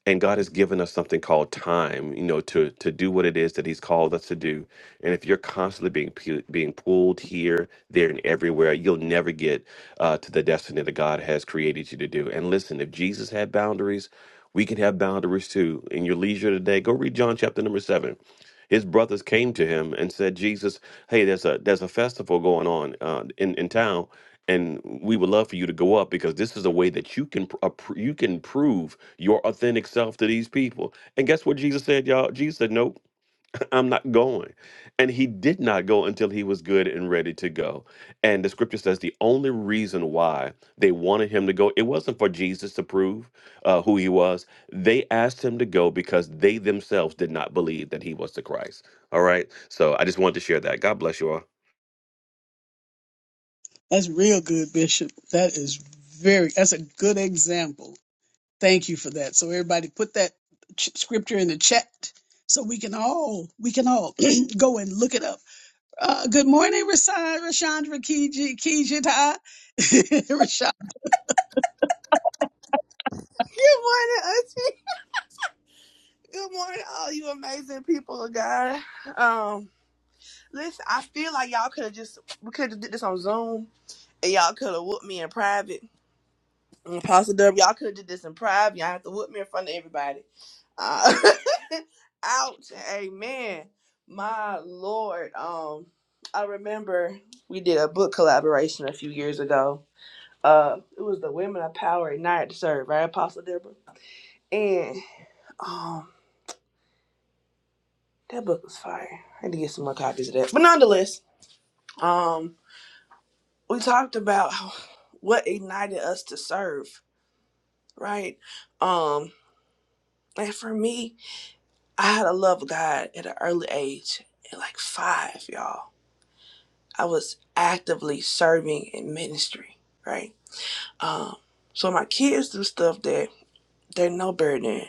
and God has given us something called time, you know, to to do what it is that He's called us to do. And if you're constantly being pu- being pulled here, there, and everywhere, you'll never get uh, to the destiny that God has created you to do. And listen, if Jesus had boundaries, we can have boundaries too. In your leisure today, go read John chapter number seven. His brothers came to him and said, "Jesus, hey, there's a there's a festival going on uh, in in town." and we would love for you to go up because this is a way that you can pr- uh, pr- you can prove your authentic self to these people. And guess what Jesus said, y'all? Jesus said, "Nope, *laughs* I'm not going." And he did not go until he was good and ready to go. And the scripture says the only reason why they wanted him to go, it wasn't for Jesus to prove uh, who he was. They asked him to go because they themselves did not believe that he was the Christ. All right. So I just wanted to share that. God bless you all.
That's real good, Bishop. That is very, that's a good example. Thank you for that. So everybody put that ch- scripture in the chat so we can all, we can all *clears throat* go and look it up. Uh, good morning, Rashan, Rashandra, Kiji, Kijita, *laughs* Rashan.
Good morning, Auntie. Good morning, all you amazing people of God. Um, listen, I feel like y'all could have just we could have did this on Zoom, and y'all could have whooped me in private. And Apostle Dub, y'all could have did this in private. Y'all have to whoop me in front of everybody. Uh, *laughs* ouch. Amen. My Lord. Um, I remember we did a book collaboration a few years ago. Uh, it was the Women of Power at Night to Serve, right, Apostle Deborah? And um, That book was fire. I had to get some more copies of that. But nonetheless, um, we talked about what ignited us to serve, right? Um, and for me, I had a love of God at an early age, at like five, y'all. I was actively serving in ministry, right? Um, so my kids do stuff that they're no better than.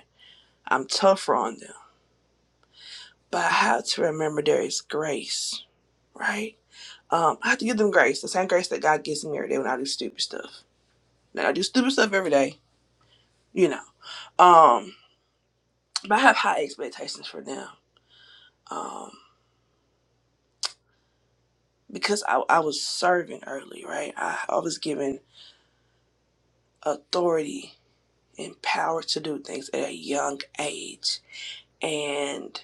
I'm tougher on them, but I have to remember there is grace, right? Um, I have to give them grace, the same grace that God gives me every day when I do stupid stuff. Now I do stupid stuff every day, you know. Um, but I have high expectations for them. Um, because I, I was serving early, right? I, I was given authority and power to do things at a young age. And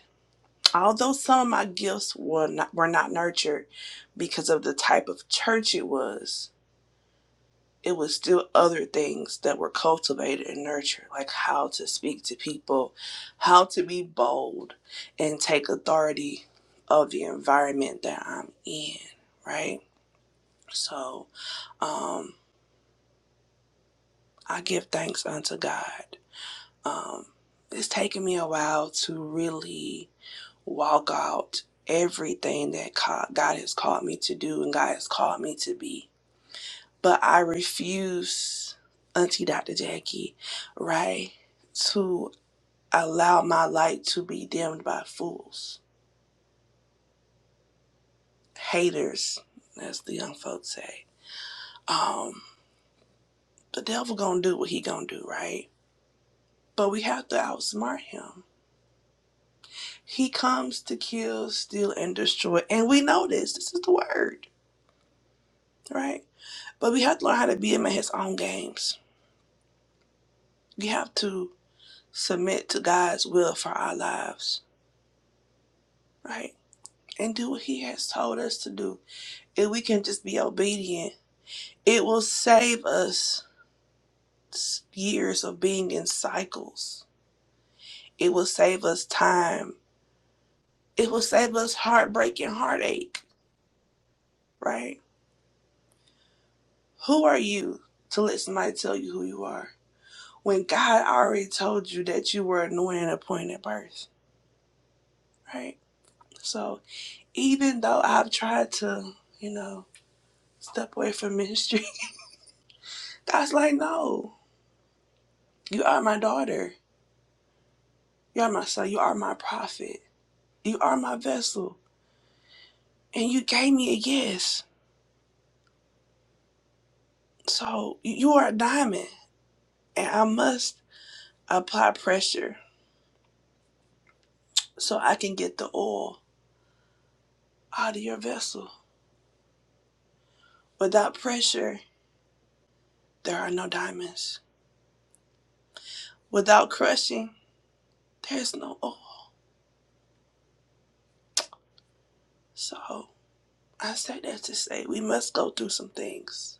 although some of my gifts were not were not nurtured because of the type of church it was, it was still other things that were cultivated and nurtured, like how to speak to people, how to be bold and take authority of the environment that I'm in, right? So um, I give thanks unto God. Um, it's taken me a while to really walk out everything that God has called me to do and God has called me to be but I refuse, Auntie Dr. Jackie, right, to allow my light to be dimmed by fools, haters, as the young folks say. Um, the devil gonna do what he gonna do, right? But we have to outsmart him. He comes to kill, steal, and destroy, and we know this. This is the word, right? But we have to learn how to be him in his own games. We have to submit to God's will for our lives, right? and do what He has told us to do. If we can just be obedient, it will save us years of being in cycles. It will save us time. It will save us heartbreak and heartache, right? Who are you to let somebody tell you who you are when God already told you that you were anointed and appointed at birth, right? So even though I've tried to, you know, step away from ministry, *laughs* God's like, no, you are my daughter You are my son. You are my prophet. You are my vessel. And you gave me a yes. So you are a diamond. And I must apply pressure so I can get the oil out of your vessel. Without pressure, there are no diamonds. Without crushing, there's no oil. So I say that to say we must go through some things.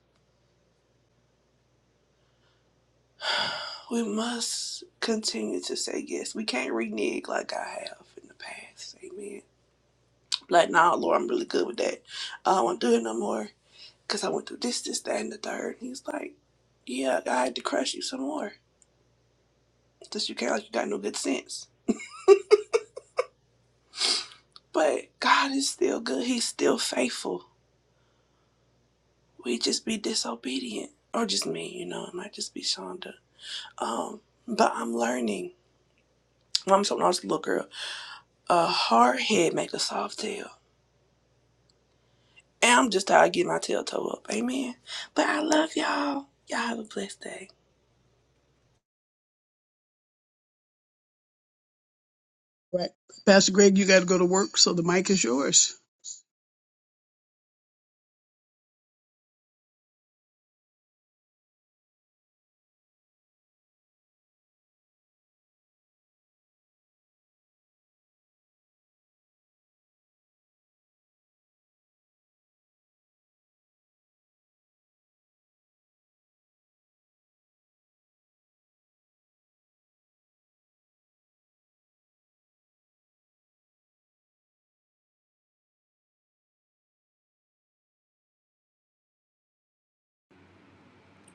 We must continue to say yes. We can't renege like I have in the past. Amen. Like, nah, Lord, I'm really good with that. I don't want to do it no more because I went through this, this, that, and the third. And he's like, yeah, I had to crush you some more. Just you can't, like, you got no good sense. But God is still good. He's still faithful. We just be disobedient. Or just me, you know, it might just be Shonda. Um, but I'm learning. Mom told me I was a little girl. A hard head make a soft tail. And I'm just tired of getting my tail toe up. Amen. But I love y'all. Y'all have a blessed day.
Right. Pastor Greg, you got to go to work, so the mic is yours.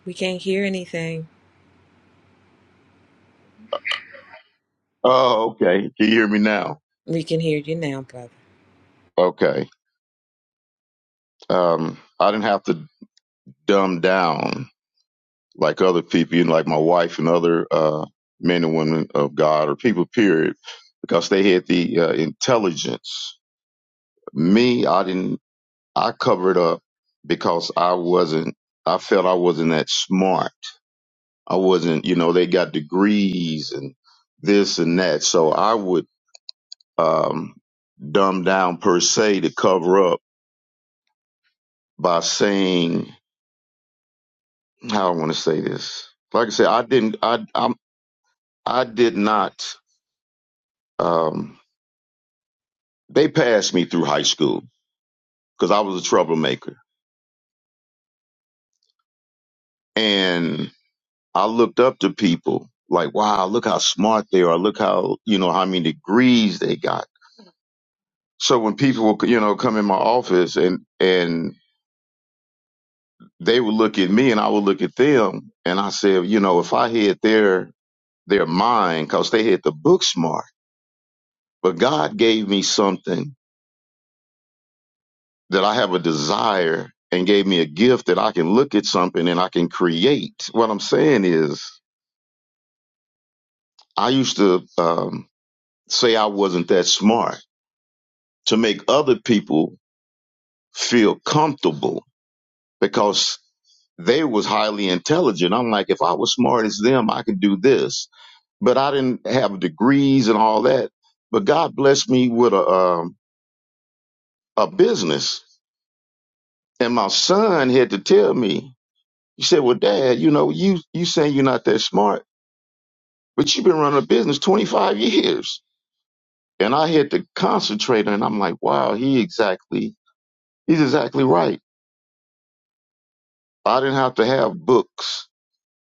We can't hear anything.
Oh, okay. Can you hear me now?
We can hear you now, brother.
Okay. Um, I didn't have to dumb down like other people, you know, like my wife and other uh, men and women of God or people, period, because they had the uh, intelligence. Me, I didn't. I covered up because I wasn't. I felt I wasn't that smart. I wasn't. You know, they got degrees and this and that, so I would um, dumb down per se to cover up by saying how I want to say this. Like I said, I didn't. I I'm, I did not. Um, they passed me through high school because I was a troublemaker, and I looked up to people like, wow, look how smart they are. Look how you know how many degrees they got. So when people would you know come in my office and and they would look at me and I would look at them and I said, you know, if I had their their mind, because they had the book smart, but God gave me something that I have a desire and gave me a gift that I can look at something and I can create. What I'm saying is, I used to um, say I wasn't that smart to make other people feel comfortable because they was highly intelligent. I'm like, if I was smart as them, I could do this. But I didn't have degrees and all that. But God blessed me with a um, a business, and my son had to tell me. He said, "Well, Dad, you know, you you saying you're not that smart." But you've been running a business 25 years. And I had to concentrate and I'm like, wow, he exactly, he's exactly right. I didn't have to have books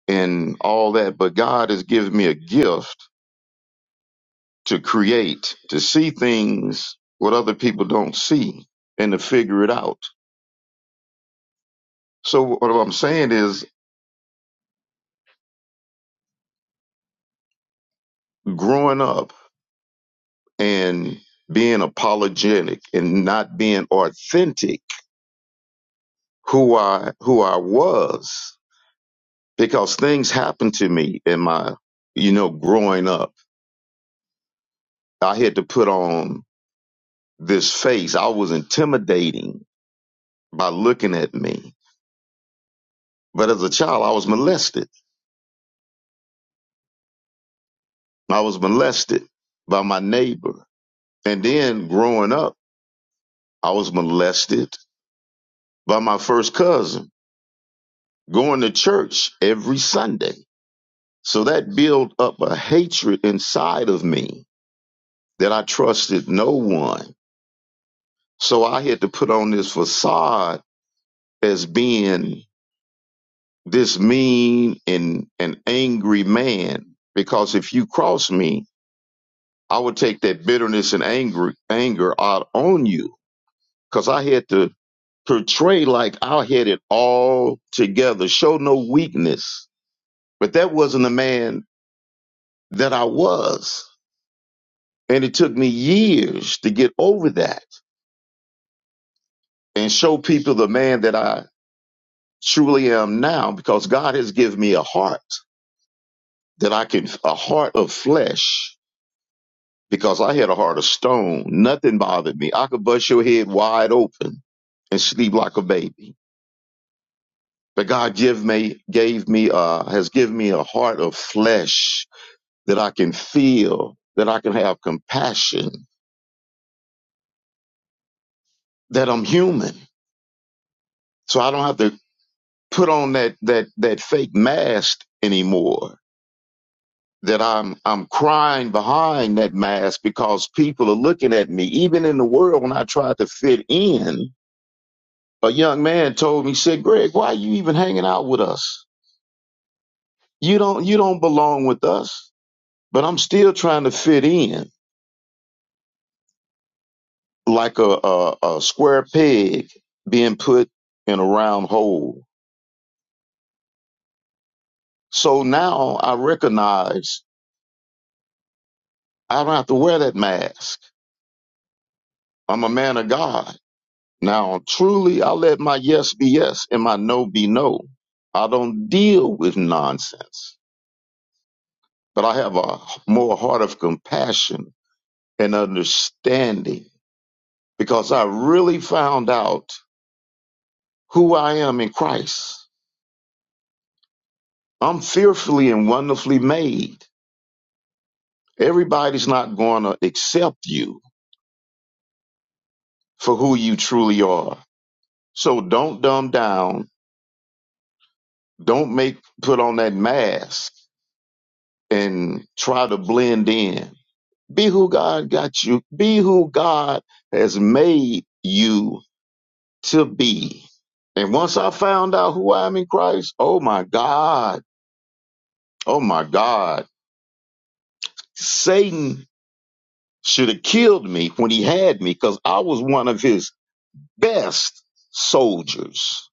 and all that, but God has given me a gift to create, to see things what other people don't see and to figure it out. So what I'm saying is growing up and being apologetic and not being authentic who I, who I was because things happened to me in my, you know, growing up. I had to put on this face. I was intimidating by looking at me. But as a child, I was molested. I was molested by my neighbor. And then growing up, I was molested by my first cousin, going to church every Sunday. So that built up a hatred inside of me that I trusted no one. So I had to put on this facade as being this mean and an angry man because if you cross me i would take that bitterness and anger anger out on you because i had to portray like i had it all together show no weakness but that wasn't the man that i was and it took me years to get over that and show people the man that i truly am now because god has given me a heart that i can a heart of flesh because I had a heart of stone. Nothing bothered me. I could bust your head wide open and sleep like a baby. But God give me, gave me, uh, has given me a heart of flesh that I can feel, that I can have compassion, that I'm human. So I don't have to put on that, that, that fake mask anymore. That I'm, I'm crying behind that mask because people are looking at me, even in the world when I try to fit in a young man told me, said, Greg, why are you even hanging out with us? You don't you don't belong with us. But I'm still trying to fit in like a, a, a square peg being put in a round hole. So now I recognize I don't have to wear that mask. I'm a man of God. Now truly I let my yes be yes and my no be no. I don't deal with nonsense, but I have a more heart of compassion and understanding because I really found out who I am in Christ. I'm fearfully and wonderfully made. Everybody's not going to accept you for who you truly are. So don't dumb down. Don't make put on that mask and try to blend in. Be who God got you. Be who God has made you to be. And once I found out who I am in Christ, oh my God, oh my God, Satan should have killed me when he had me because I was one of his best soldiers.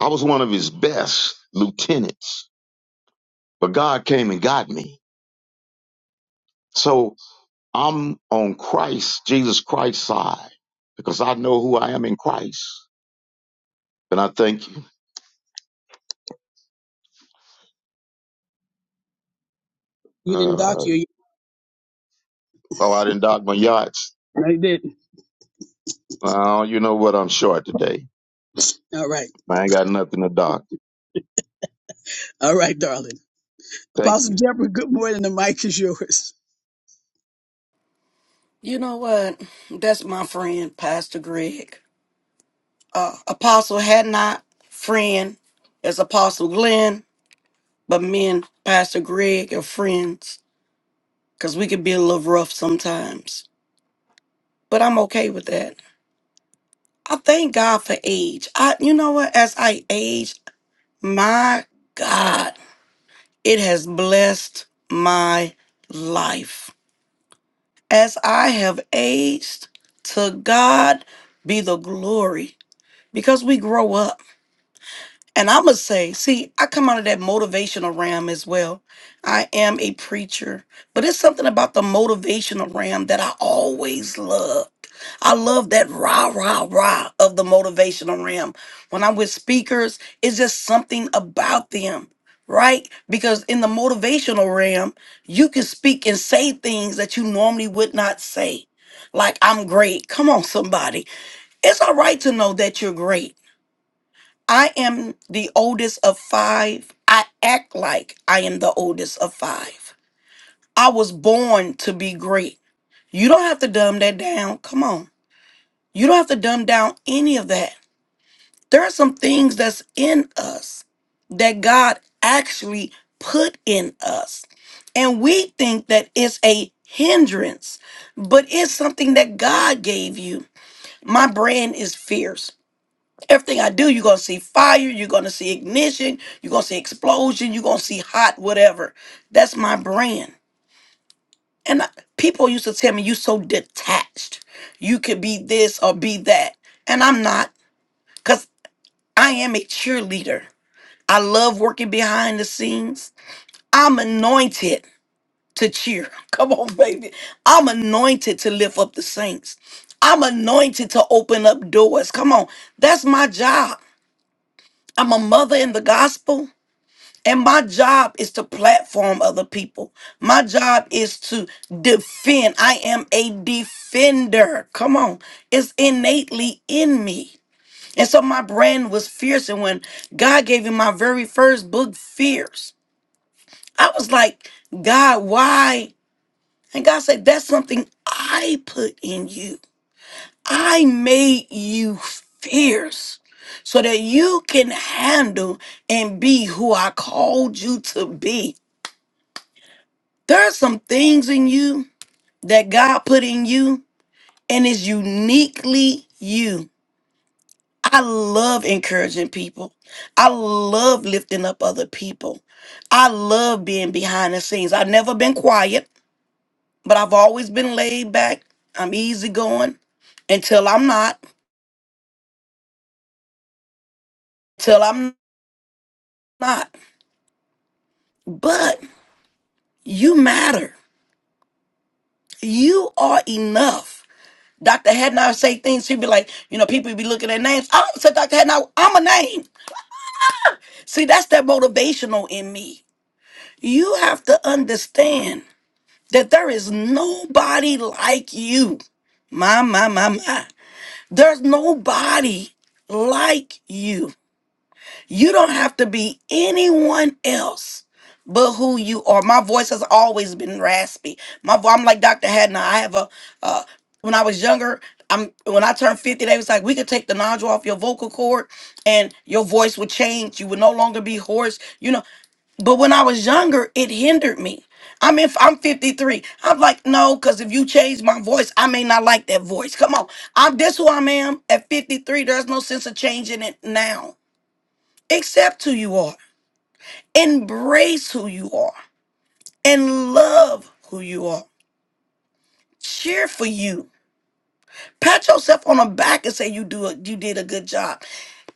I was one of his best lieutenants, but God came and got me. So I'm on Christ, Jesus Christ's side because I know who I am in Christ. And I thank you.
You didn't dock
Uh,
you.
oh, I didn't dock my yachts.
No, you didn't.
Well, you know what? I'm short today.
All right.
I ain't got nothing to dock.
All right, darling.
Thank you.
Apostle Deborah, good morning. The mic is yours.
You know what? That's my friend, Pastor Greg. Uh, Apostle had not friend as Apostle Glenn, but me and Pastor Greg are friends because we could be a little rough sometimes. But I'm okay with that. I thank God for age. I, you know what? As I age, my God, it has blessed my life. As I have aged, to God be the glory because we grow up. And I'm going to say, see, I come out of that motivational realm as well. I am a preacher, but it's something about the motivational realm that I always loved. I love that rah, rah, rah of the motivational realm. When I'm with speakers, it's just something about them, right? Because in the motivational realm, you can speak and say things that you normally would not say. Like, I'm great. Come on, somebody. It's all right to know that you're great I am the oldest of five. I act like I am the oldest of five. I was born to be great. You don't have to dumb that down. Come on. You don't have to dumb down any of that. There are some things that's in us that God actually put in us. And we think that it's a hindrance, but it's something that God gave you. My brand is fierce. Everything I do, you're gonna see fire, you're gonna see ignition, you're gonna see explosion, you're gonna see hot, whatever. That's my brand. And I, people used to tell me, you so detached. You could be this or be that. And I'm not, because I am a cheerleader. I love working behind the scenes. I'm anointed to cheer. *laughs* Come on, baby. I'm anointed to lift up the saints. I'm anointed to open up doors. Come on. That's my job. I'm a mother in the gospel. And my job is to platform other people. My job is to defend. I am a defender. Come on. It's innately in me. And so my brand was fierce. And when God gave me my very first book, Fierce, I was like, God, why? And God said, That's something I put in you. I made you fierce so that you can handle and be who I called you to be. There are some things in you that God put in you and is uniquely you. I love encouraging people. I love lifting up other people. I love being behind the scenes. I've never been quiet, but I've always been laid back. I'm easygoing until I'm not, till I'm not. But you matter. You are enough. Dr. Hadnot say things, she'd be like, you know, people be looking at names. I don't say Dr. Hadnot, I'm a name. See, that's that motivational in me. You have to understand that there is nobody like you. My, my, my, my. There's nobody like you. You don't have to be anyone else but who you are. My voice has always been raspy. My vo- I'm like Dr. Hadna. I have a uh when I was younger, I'm when I turned 50, they was like, we could take the nodule off your vocal cord and your voice would change. You would no longer be hoarse. You know, but when I was younger, it hindered me. I am if I'm 53, I'm like, no, because if you change my voice, I may not like that voice. Come on. I'm this who I am at 53. There's no sense of changing it now. Accept who you are. Embrace who you are. And love who you are. Cheer for you. Pat yourself on the back and say you do it, you did a good job.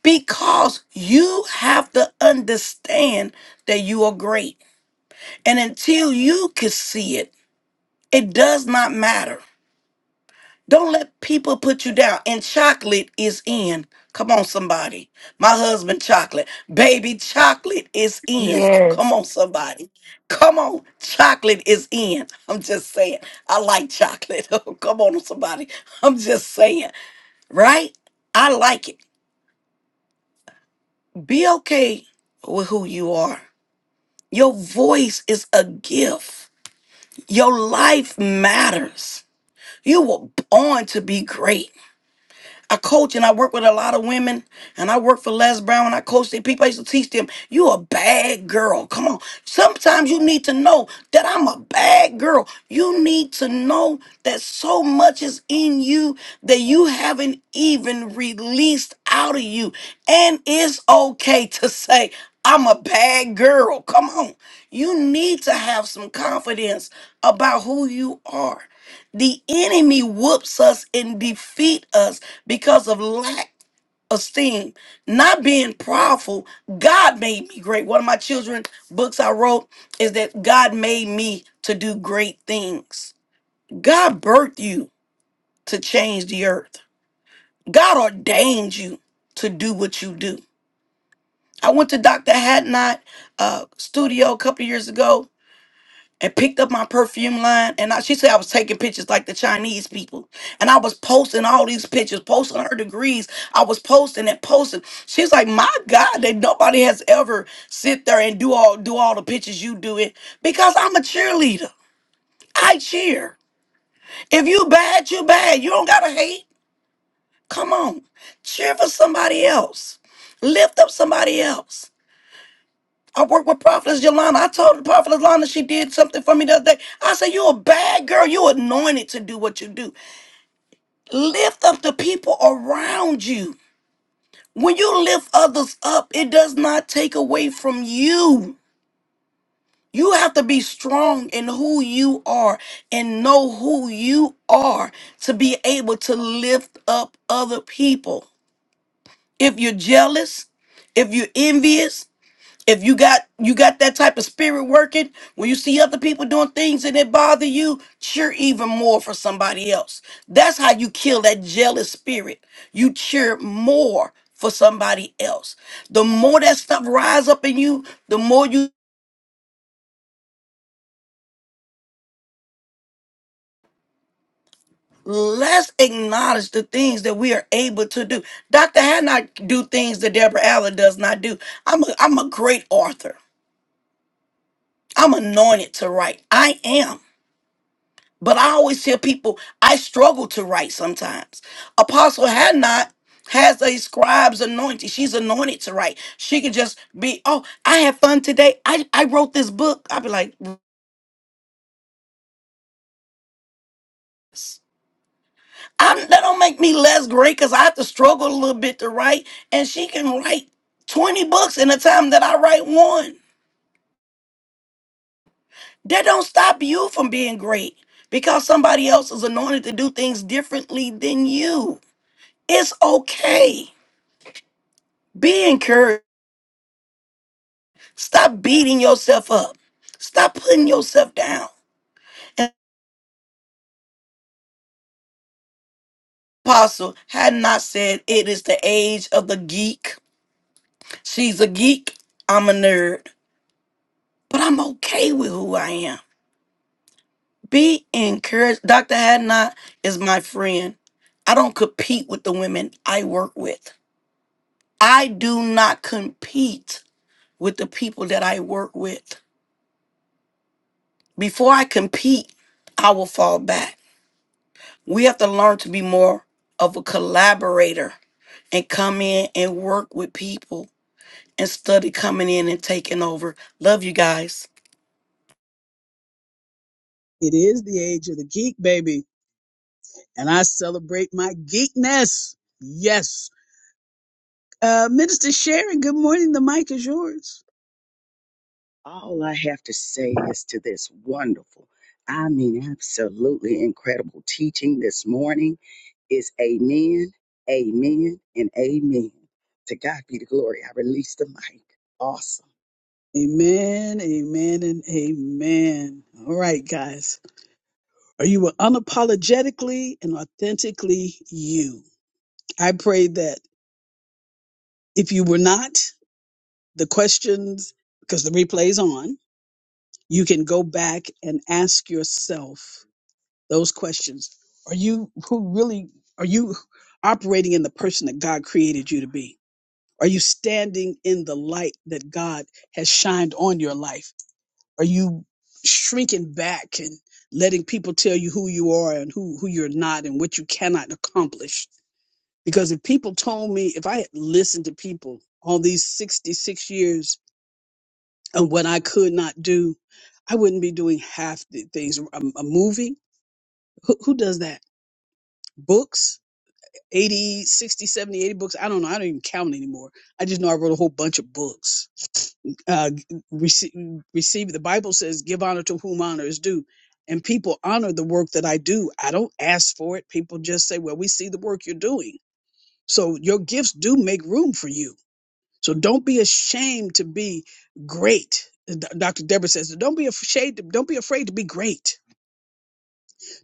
Because you have to understand that you are great. And until you can see it, It does not matter. Don't let people put you down. And chocolate is in. Come on, somebody. My husband, chocolate. Baby, chocolate is in. Come on, somebody. Come on, chocolate is in. I'm just saying. I like chocolate. *laughs* Oh, come on, somebody. I'm just saying. Right? I like it. Be okay with who you are. Your voice is a gift. Your life matters. You were born to be great. I coach and I work with a lot of women, and I work for Les Brown and I coach their people. I used to teach them, you a bad girl. Come on. Sometimes you need to know that I'm a bad girl. You need to know that so much is in you that you haven't even released out of you. And it's okay to say, I'm a bad girl. Come on. You need to have some confidence about who you are. The enemy whoops us and defeat us because of lack esteem, not being powerful. God made me great. One of my children's books I wrote is that God made me to do great things. God birthed you to change the earth. God ordained you to do what you do. I went to Dr. Hatnot uh, studio a couple years ago and picked up my perfume line. And I, she said I was taking pictures like the Chinese people. And I was posting all these pictures, posting her degrees. I was posting and posting. She's like, my God, that nobody has ever sit there and do all do all the pictures you do it because I'm a cheerleader. I cheer. If you bad, you bad. You don't gotta hate. Come on, cheer for somebody else. Lift up somebody else. I work with Prophetess Yolanda. I told the Prophetess Yolanda she did something for me the other day. I said, you a bad girl. you anointed to do what you do. Lift up the people around you. When you lift others up, it does not take away from you. You have to be strong in who you are and know who you are to be able to lift up other people. If you're jealous, if you're envious, if you got you got that type of spirit working when you see other people doing things and it bother you cheer even more for somebody else that's how you kill that jealous spirit you cheer more for somebody else the more that stuff rise up in you the more you let's acknowledge the things that we are able to do dr hannah do things that deborah allen does not do i'm a, I'm a great author i'm anointed to write i am But I always hear people, I struggle to write sometimes. Apostle had has a scribe's anointing. She's anointed to write. She can just be, oh, I had fun today. I, I wrote this book. I'd be like, "Yes." I'm, that don't make me less great because I have to struggle a little bit to write. And she can write 20 books in the time that I write one. That don't stop you from being great because somebody else is anointed to do things differently than you. It's okay. Be encouraged Stop beating yourself up. Stop putting yourself down. And Apostle had not said it is the age of the geek. She's a geek. I'm a nerd. But I'm okay with who I am. Be encouraged. Dr. Hadnot is my friend. I don't compete with the women I work with. I do not compete with the people that I work with. Before I compete, I will fall back. We have to learn to be more of a collaborator and come in and work with people and study. coming in and taking over. Love you guys.
It is the age of the geek, baby, and I celebrate my geekness. Yes. Uh, Minister Sharon, good morning. The mic is yours.
All I have to say is to this wonderful, I mean, absolutely incredible teaching this morning is amen, amen, and amen. To God be the glory. I release the mic. Awesome.
Amen, amen, and amen. All right, guys. Are you unapologetically and authentically you? I pray that if you were not, the questions, because the replay is on, you can go back and ask yourself those questions. Are you who really are you operating in the person that God created you to be? Are you standing in the light that God has shined on your life? Are you shrinking back and letting people tell you who you are and who, who you're not and what you cannot accomplish? Because if people told me, if I had listened to people all these 66 years of what I could not do, I wouldn't be doing half the things. A, a movie, who, who does that? Books, Eighty, sixty, seventy, eighty books. I don't know. I don't even count anymore. I just know I wrote a whole bunch of books. Uh, receive, receive, the Bible says, give honor to whom honor is due. And people honor the work that I do. I don't ask for it. People just say, well, we see the work you're doing. So your gifts do make room for you. So don't be ashamed to be great. D- Dr. Deborah says, don't be afraid. Don't be afraid to be great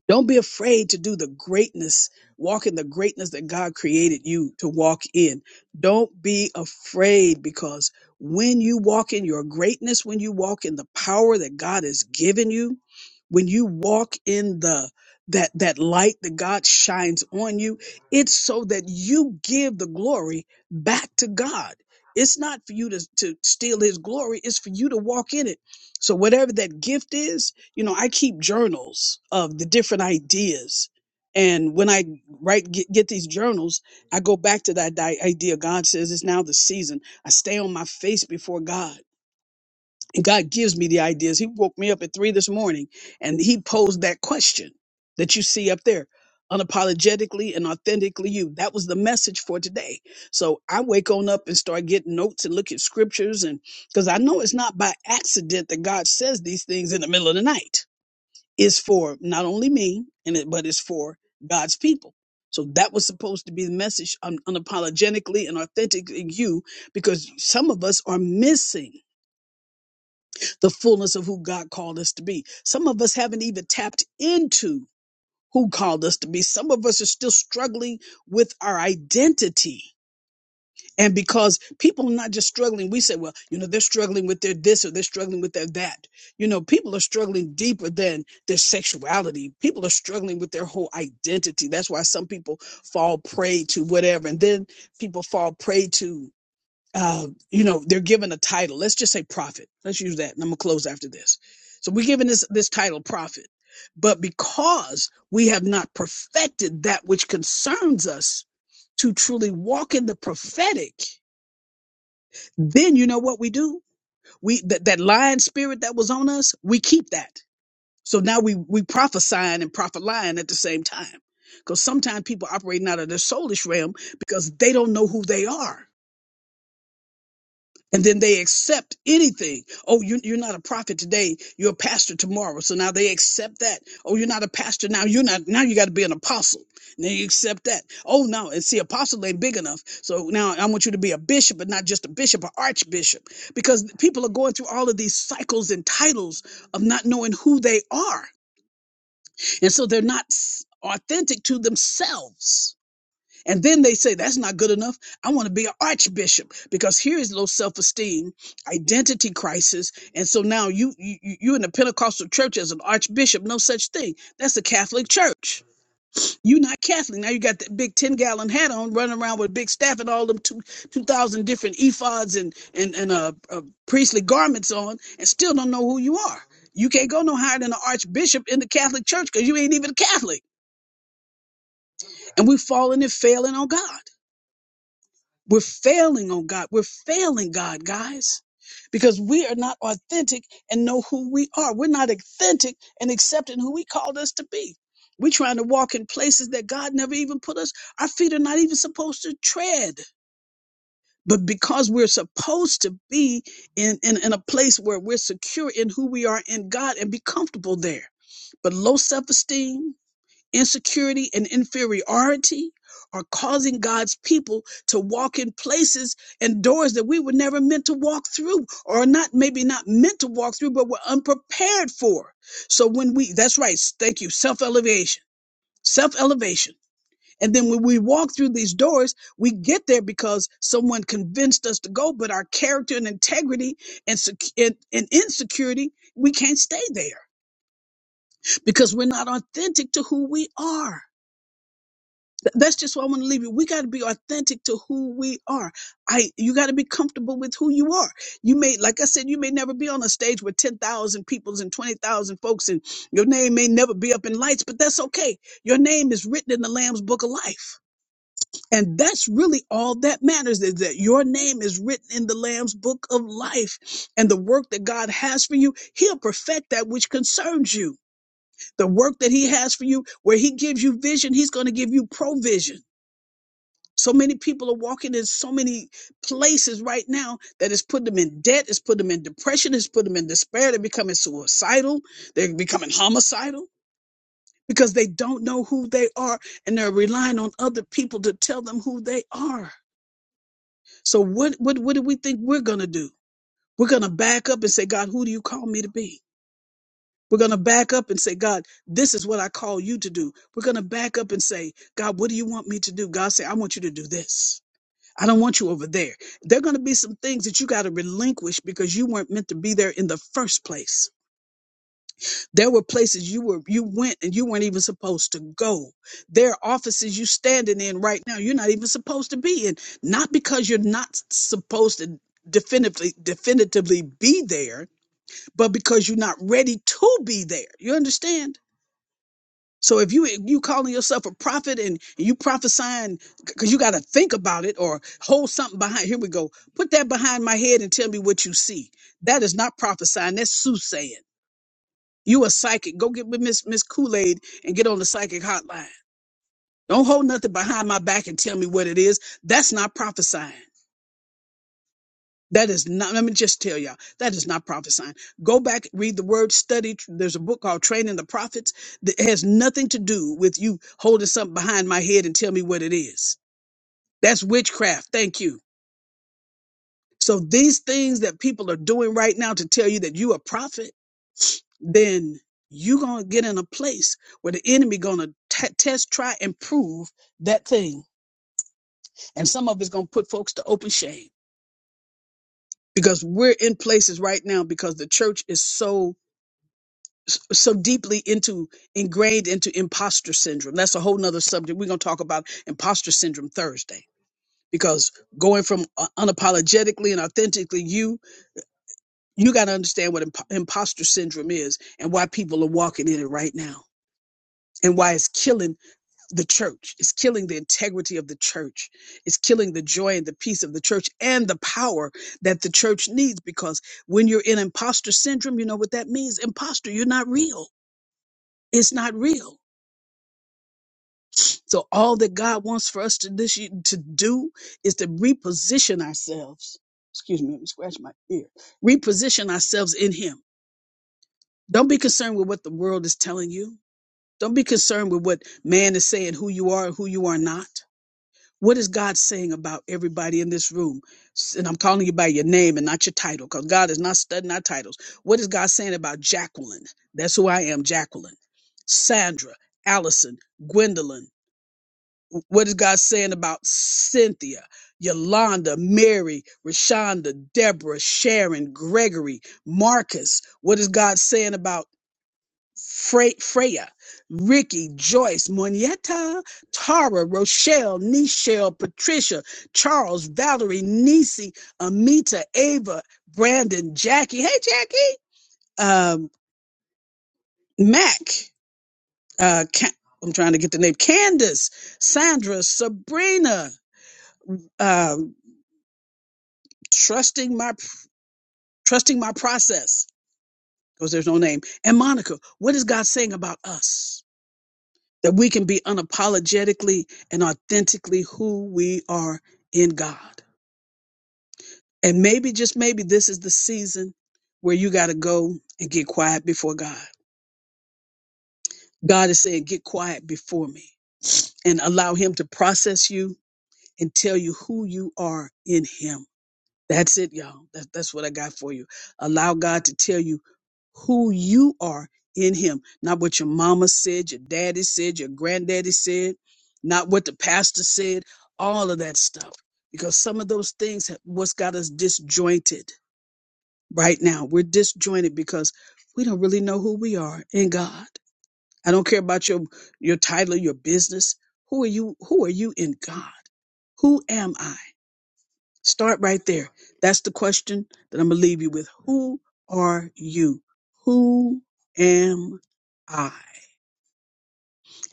don't be afraid to do the greatness, walk in the greatness that God created you to walk in. Don't be afraid because when you walk in your greatness, when you walk in the power that God has given you, when you walk in the that that light that God shines on you, it's so that you give the glory back to God. It's not for you to, to steal his glory, it's for you to walk in it. So whatever that gift is, you know, I keep journals of the different ideas. And when I write, get, get these journals, I go back to that di- idea. God says it's now the season. I stay on my face before God. And God gives me the ideas. He woke me up at three this morning and he posed that question that you see up there unapologetically and authentically you. That was the message for today. So I wake on up and start getting notes and look at scriptures. And because I know it's not by accident that God says these things in the middle of the night is for not only me and it, but it's for God's people. So that was supposed to be the message un- unapologetically and authentically you because some of us are missing the fullness of who God called us to be. Some of us haven't even tapped into who called us to be. Some of us are still struggling with our identity and because people are not just struggling, we say, well, you know, they're struggling with their this or they're struggling with their that. You know, people are struggling deeper than their sexuality. People are struggling with their whole identity. That's why some people fall prey to whatever. And then people fall prey to, uh, you know, they're given a title. Let's just say prophet. Let's use that. And I'm going to close after this. So we're given this, this title prophet. But because we have not perfected that which concerns us to truly walk in the prophetic, then you know what we do we that, that lion spirit that was on us we keep that so now we we prophesying and prophet lying at the same time because sometimes people operating out of their soulish realm because they don't know who they are and then they accept anything. Oh, you, you're not a prophet today. You're a pastor tomorrow. So now they accept that. Oh, you're not a pastor now. You're not now. You got to be an apostle. And then you accept that. Oh no, and see, apostle ain't big enough. So now I want you to be a bishop, but not just a bishop, an archbishop, because people are going through all of these cycles and titles of not knowing who they are, and so they're not s- authentic to themselves. And then they say, that's not good enough. I want to be an archbishop because here is low self-esteem, identity crisis. And so now you, you, you- are in the Pentecostal church as an archbishop. No such thing. That's the Catholic church. You're not Catholic. Now you got that big 10 gallon hat on running around with a big staff and all them two, 2000 different ephods and, and, and uh, uh, priestly garments on and still don't know who you are. You can't go no higher than an archbishop in the Catholic church because you ain't even a Catholic. And we're falling and failing on God. We're failing on God. We're failing God, guys, because we are not authentic and know who we are. We're not authentic and accepting who He called us to be. We're trying to walk in places that God never even put us. Our feet are not even supposed to tread. But because we're supposed to be in, in, in a place where we're secure in who we are in God and be comfortable there. But low self esteem, Insecurity and inferiority are causing God's people to walk in places and doors that we were never meant to walk through or not maybe not meant to walk through but we're unprepared for. So when we that's right, thank you, self-elevation. Self-elevation. And then when we walk through these doors, we get there because someone convinced us to go, but our character and integrity and, sec- and, and insecurity, we can't stay there because we're not authentic to who we are. Th- that's just why I want to leave you. We got to be authentic to who we are. I you got to be comfortable with who you are. You may, like I said, you may never be on a stage with ten thousand peoples and twenty thousand folks, and your name may never be up in lights, but that's okay. Your name is written in the Lamb's Book of Life, and that's really all that matters is that your name is written in the Lamb's Book of Life, and the work that God has for you, He'll perfect that which concerns you. The work that He has for you, where He gives you vision, He's going to give you provision so many people are walking in so many places right now that it's put them in debt, it's put them in depression, it's put them in despair. They're becoming suicidal, they're becoming homicidal because they don't know who they are and they're relying on other people to tell them who they are. So what what what do we think we're gonna do? We're gonna back up and say, God, who do you call me to be? We're gonna back up and say, God, this is what I call you to do. We're gonna back up and say, God, what do you want me to do? God say, I want you to do this. I don't want you over there. There are going to be some things that you got to relinquish because you weren't meant to be there in the first place. There were places you were you went and you weren't even supposed to go. There are offices you standing in right now you're not even supposed to be in. Not because you're not supposed to definitively definitively be there, but because you're not ready to be there. You understand? So if you you calling yourself a prophet and you prophesying because you got to think about it or hold something behind, here we go. Put that behind my head and tell me what you see. That is not prophesying. That's soothsaying. You a psychic. Go get with Miss Miss Kool Aid and get on the psychic hotline. Don't hold nothing behind my back and tell me what it is. That's not prophesying. That is not, let me just tell y'all, that is not prophesying. Go back, read the word, study. There's a book called Training the Prophets that has nothing to do with you holding something behind my head and tell me what it is. That's witchcraft. Thank you. So these things that people are doing right now to tell you that you a prophet, then you're going to get in a place where the enemy going to test, try, and prove that thing. And some of it's going to put folks to open shame because we're in places right now because the church is so s- so deeply into ingrained into imposter syndrome. That's a whole nother subject. We're going to talk about imposter syndrome Thursday because going from uh, unapologetically and authentically you, you got to understand what imp- imposter syndrome is and why people are walking in it right now and why it's killing the church. It's killing the integrity of the church. It's killing the joy and the peace of the church and the power that the church needs because when you're in imposter syndrome, you know what that means? Imposter, you're not real. It's not real So all that God wants for us to this ye- to do is to reposition ourselves. Excuse me, let me scratch my ear. Reposition ourselves in Him. Don't be concerned with what the world is telling you. Don't be concerned with what man is saying, who you are, and who you are not. What is God saying about everybody in this room? S- And I'm calling you by your name and not your title, because God is not studying our titles. What is God saying about Jacqueline? That's who I am, Jacqueline, Sandra, Allison, Gwendolyn what is God saying about Cynthia, Yolanda, Mary, Rashonda, Deborah, Sharon, Gregory, Marcus? What is God saying about Fre- Freya, Ricky, Joyce, Monietta, Tara, Rochelle, Nichelle, Patricia, Charles, Valerie, Nisi, Amita, Ava, Brandon, Jackie. Hey, Jackie. Um, Mac. Uh, Ca- I'm trying to get the name. Candace, Sandra, Sabrina uh, trusting my trusting my process because there's no name and monica what is god saying about us that we can be unapologetically and authentically who we are in god and maybe just maybe this is the season where you got to go and get quiet before god god is saying get quiet before me and allow him to process you and tell you who you are in him That's it, y'all. That, that's what I got for you. Allow God to tell you who you are in Him, not what your mama said, your daddy said, your granddaddy said, not what the pastor said, all of that stuff. Because some of those things, have- what's got us disjointed right now, we're disjointed because we don't really know who we are in God. I don't care about your your title, your business. Who are you? Who are you in God? Who am I? Start right there. That's the question that I'm going to leave you with. Who are you? Who am I?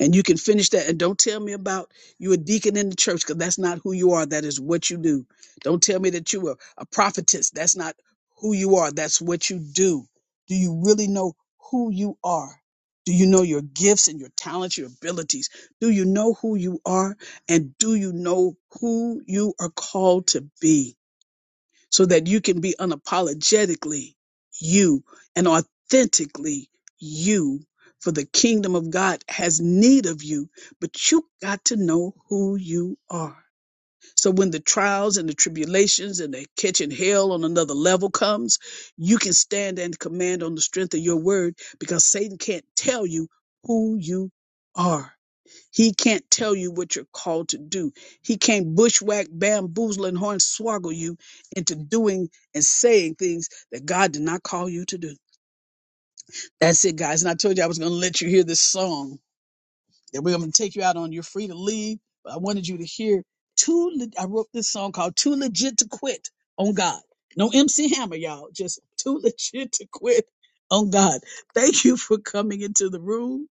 And you can finish that. And don't tell me about you a deacon in the church because that's not who you are. That is what you do. Don't tell me that you are a prophetess. That's not who you are. That's what you do. Do you really know who you are? Do you know your gifts and your talents, your abilities? Do you know who you are? And do you know who you are called to be? so that you can be unapologetically you and authentically you. For the kingdom of God has need of you, but you got to know who you are. So when the trials and the tribulations and the catching hell on another level comes, you can stand and command on the strength of your word because Satan can't tell you who you are. He can't tell you what you're called to do. He can't bushwhack, bamboozle, and hornswoggle you into doing and saying things that God did not call you to do. That's it, guys. And I told you I was going to let you hear this song. And we're going to take you out on You're Free to Leave. But I wanted you to hear two. Le- I wrote this song called Too Legit to Quit on God. No MC Hammer, y'all. Just Too *laughs* Legit to Quit on God. Thank you for coming into the room.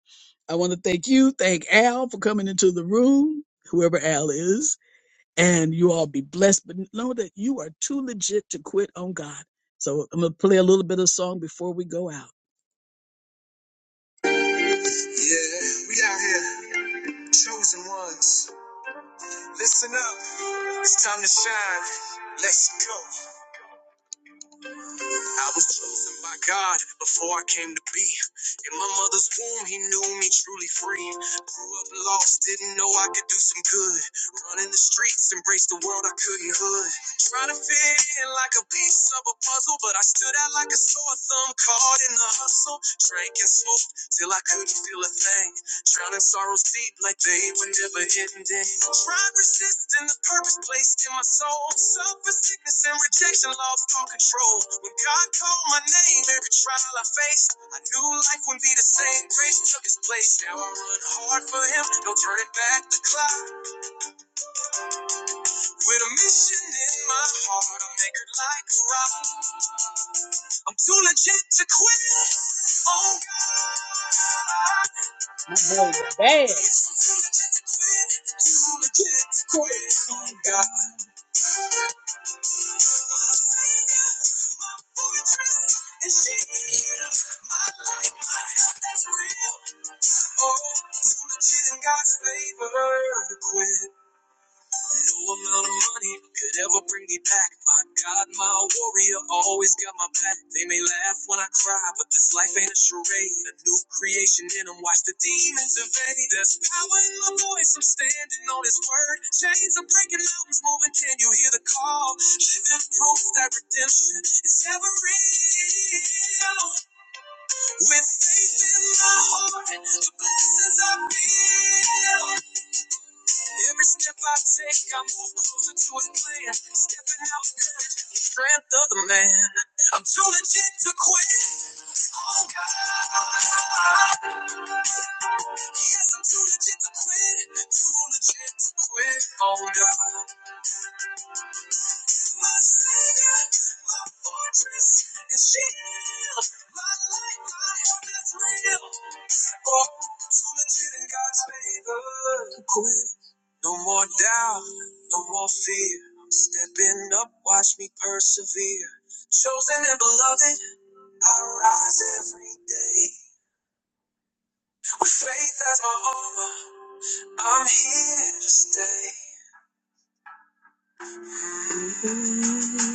I want to thank you, thank Al for coming into the room, whoever Al is, and you all be blessed. But know that you are too legit to quit on God. So I'm gonna play a little bit of song before we go out. Yeah, we out here, chosen ones. Listen up, it's time to shine. Let's go. I was chosen by God before I came to be. In my mother's womb, He knew me truly free. Grew up lost, didn't know I could do some good. Running the streets, embraced the world I couldn't hood. Trying to fit in like a piece of a puzzle, but I stood out like a sore thumb caught in the hustle. Drank and smoked till I couldn't feel a thing. Drowning sorrows deep like they were never ending. Tried resisting the purpose placed in my soul. Suffer sickness and rejection, lost all control. When God called my name, every trial I faced, I knew life wouldn't be the same. Grace took its place. Now I run hard for Him, no turning back the clock. With a mission in my heart, I'll make it like a rock. I'm too legit to quit. Oh God. You legit quit on God. Fortress and shield. My life, my health, that's real. Oh, legit in God's favor to quit. No amount of money could ever bring me back. My God, my warrior always got my back. They may laugh when I cry, but this life ain't a charade. A new creation in them, watch the demons invade. There's power in my voice, I'm standing on his word. Chains are breaking, mountains moving, can you hear the call? Living proof that redemption is ever real. With faith in my heart, the blessings I feel. Every step I take, I move closer to his plan. Stepping out with courage, the strength of the man. I'm too legit to quit. Oh God, yes, I'm too legit to quit. Too legit to quit. Oh God, my savior, my fortress and shield, my light, my help that's real. Oh, so No more doubt, no more fear. I'm stepping up, watch me persevere. Chosen and beloved, I rise every day. With faith as my armor, I'm here to stay. Mm-hmm.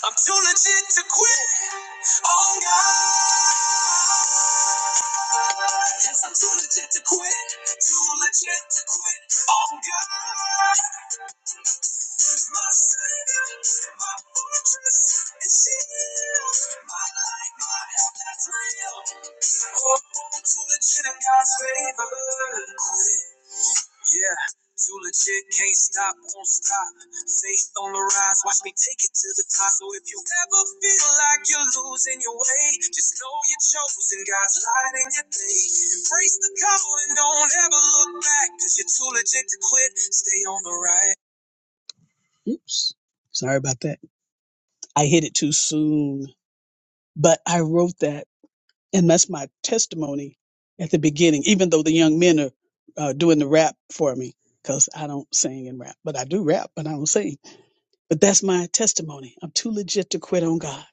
I'm too legit to quit. Oh God. Yes, I'm too legit to quit. Too legit to quit. Oh God. My savior, my fortress, and shield. My life, my help, that's real. Oh, too legit in God's favor. to quit. Yeah, too legit, can't stop, won't stop. Faith on the rise, watch me take it to the top. So if you ever feel like you're losing your way, just know you're chosen. God's light in your day. Embrace the call and don't ever look back, cause you're too legit to quit. Stay on the right. Oops, sorry about that. I hit it too soon, but I wrote that and that's my testimony at the beginning. Even though the young men are uh, doing the rap for me, because I don't sing and rap, but I do rap, but I don't sing. But that's my testimony. I'm too legit to quit on God.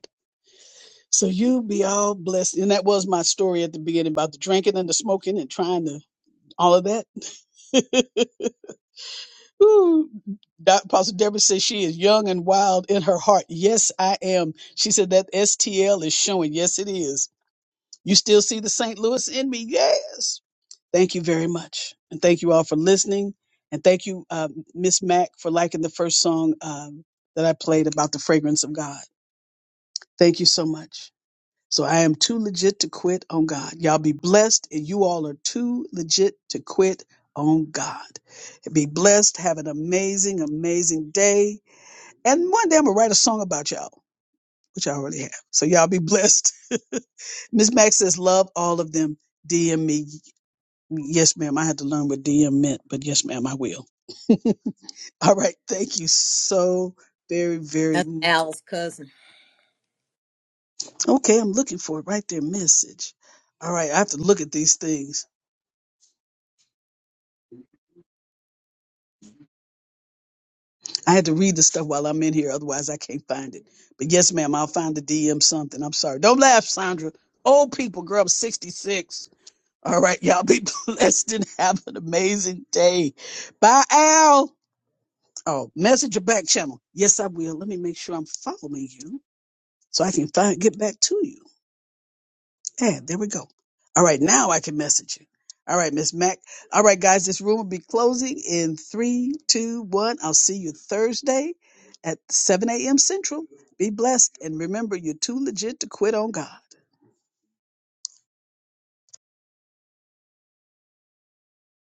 So you be all blessed. And that was my story at the beginning about the drinking and the smoking and trying to all of that. *laughs* Ooh, Doc, Pastor Deborah says she is young and wild in her heart. Yes, I am. She said that STL is showing. Yes, it is. You still see the St. Louis in me? Yes. Thank you very much. And thank you all for listening. And thank you, uh, Miss Mack, for liking the first song um, that I played about the fragrance of God. Thank you so much. So I am too legit to quit on God. Y'all be blessed, and you all are too legit to quit on God. Be blessed. Have an amazing, amazing day. And one day I'm going to write a song about y'all, which I already have. So y'all be blessed. *laughs* Miss Mack says, Love all of them. DM me. Yes, ma'am. I had to learn what DM meant, but yes, ma'am, I will. *laughs* All right. Thank you so very, very
That's
much.
Al's cousin.
Okay, I'm looking for it right there. Message. All right, I have to look at these things. I had to read the stuff while I'm in here, otherwise I can't find it. But yes, ma'am, I'll find the DM something. I'm sorry. Don't laugh, Sandra. Old people, girl, I'm 66. All right, y'all be *laughs* blessed and have an amazing day. Bye, Al. Oh, message your back channel. Yes, I will. Let me make sure I'm following you. so I can find, get back to you. Yeah, there we go. All right, now I can message you. All right, Miss Mac. All right, guys, this room will be closing in three, two, one. I'll see you Thursday at 7 a.m. Central. Be blessed. And remember, you're too legit to quit on God.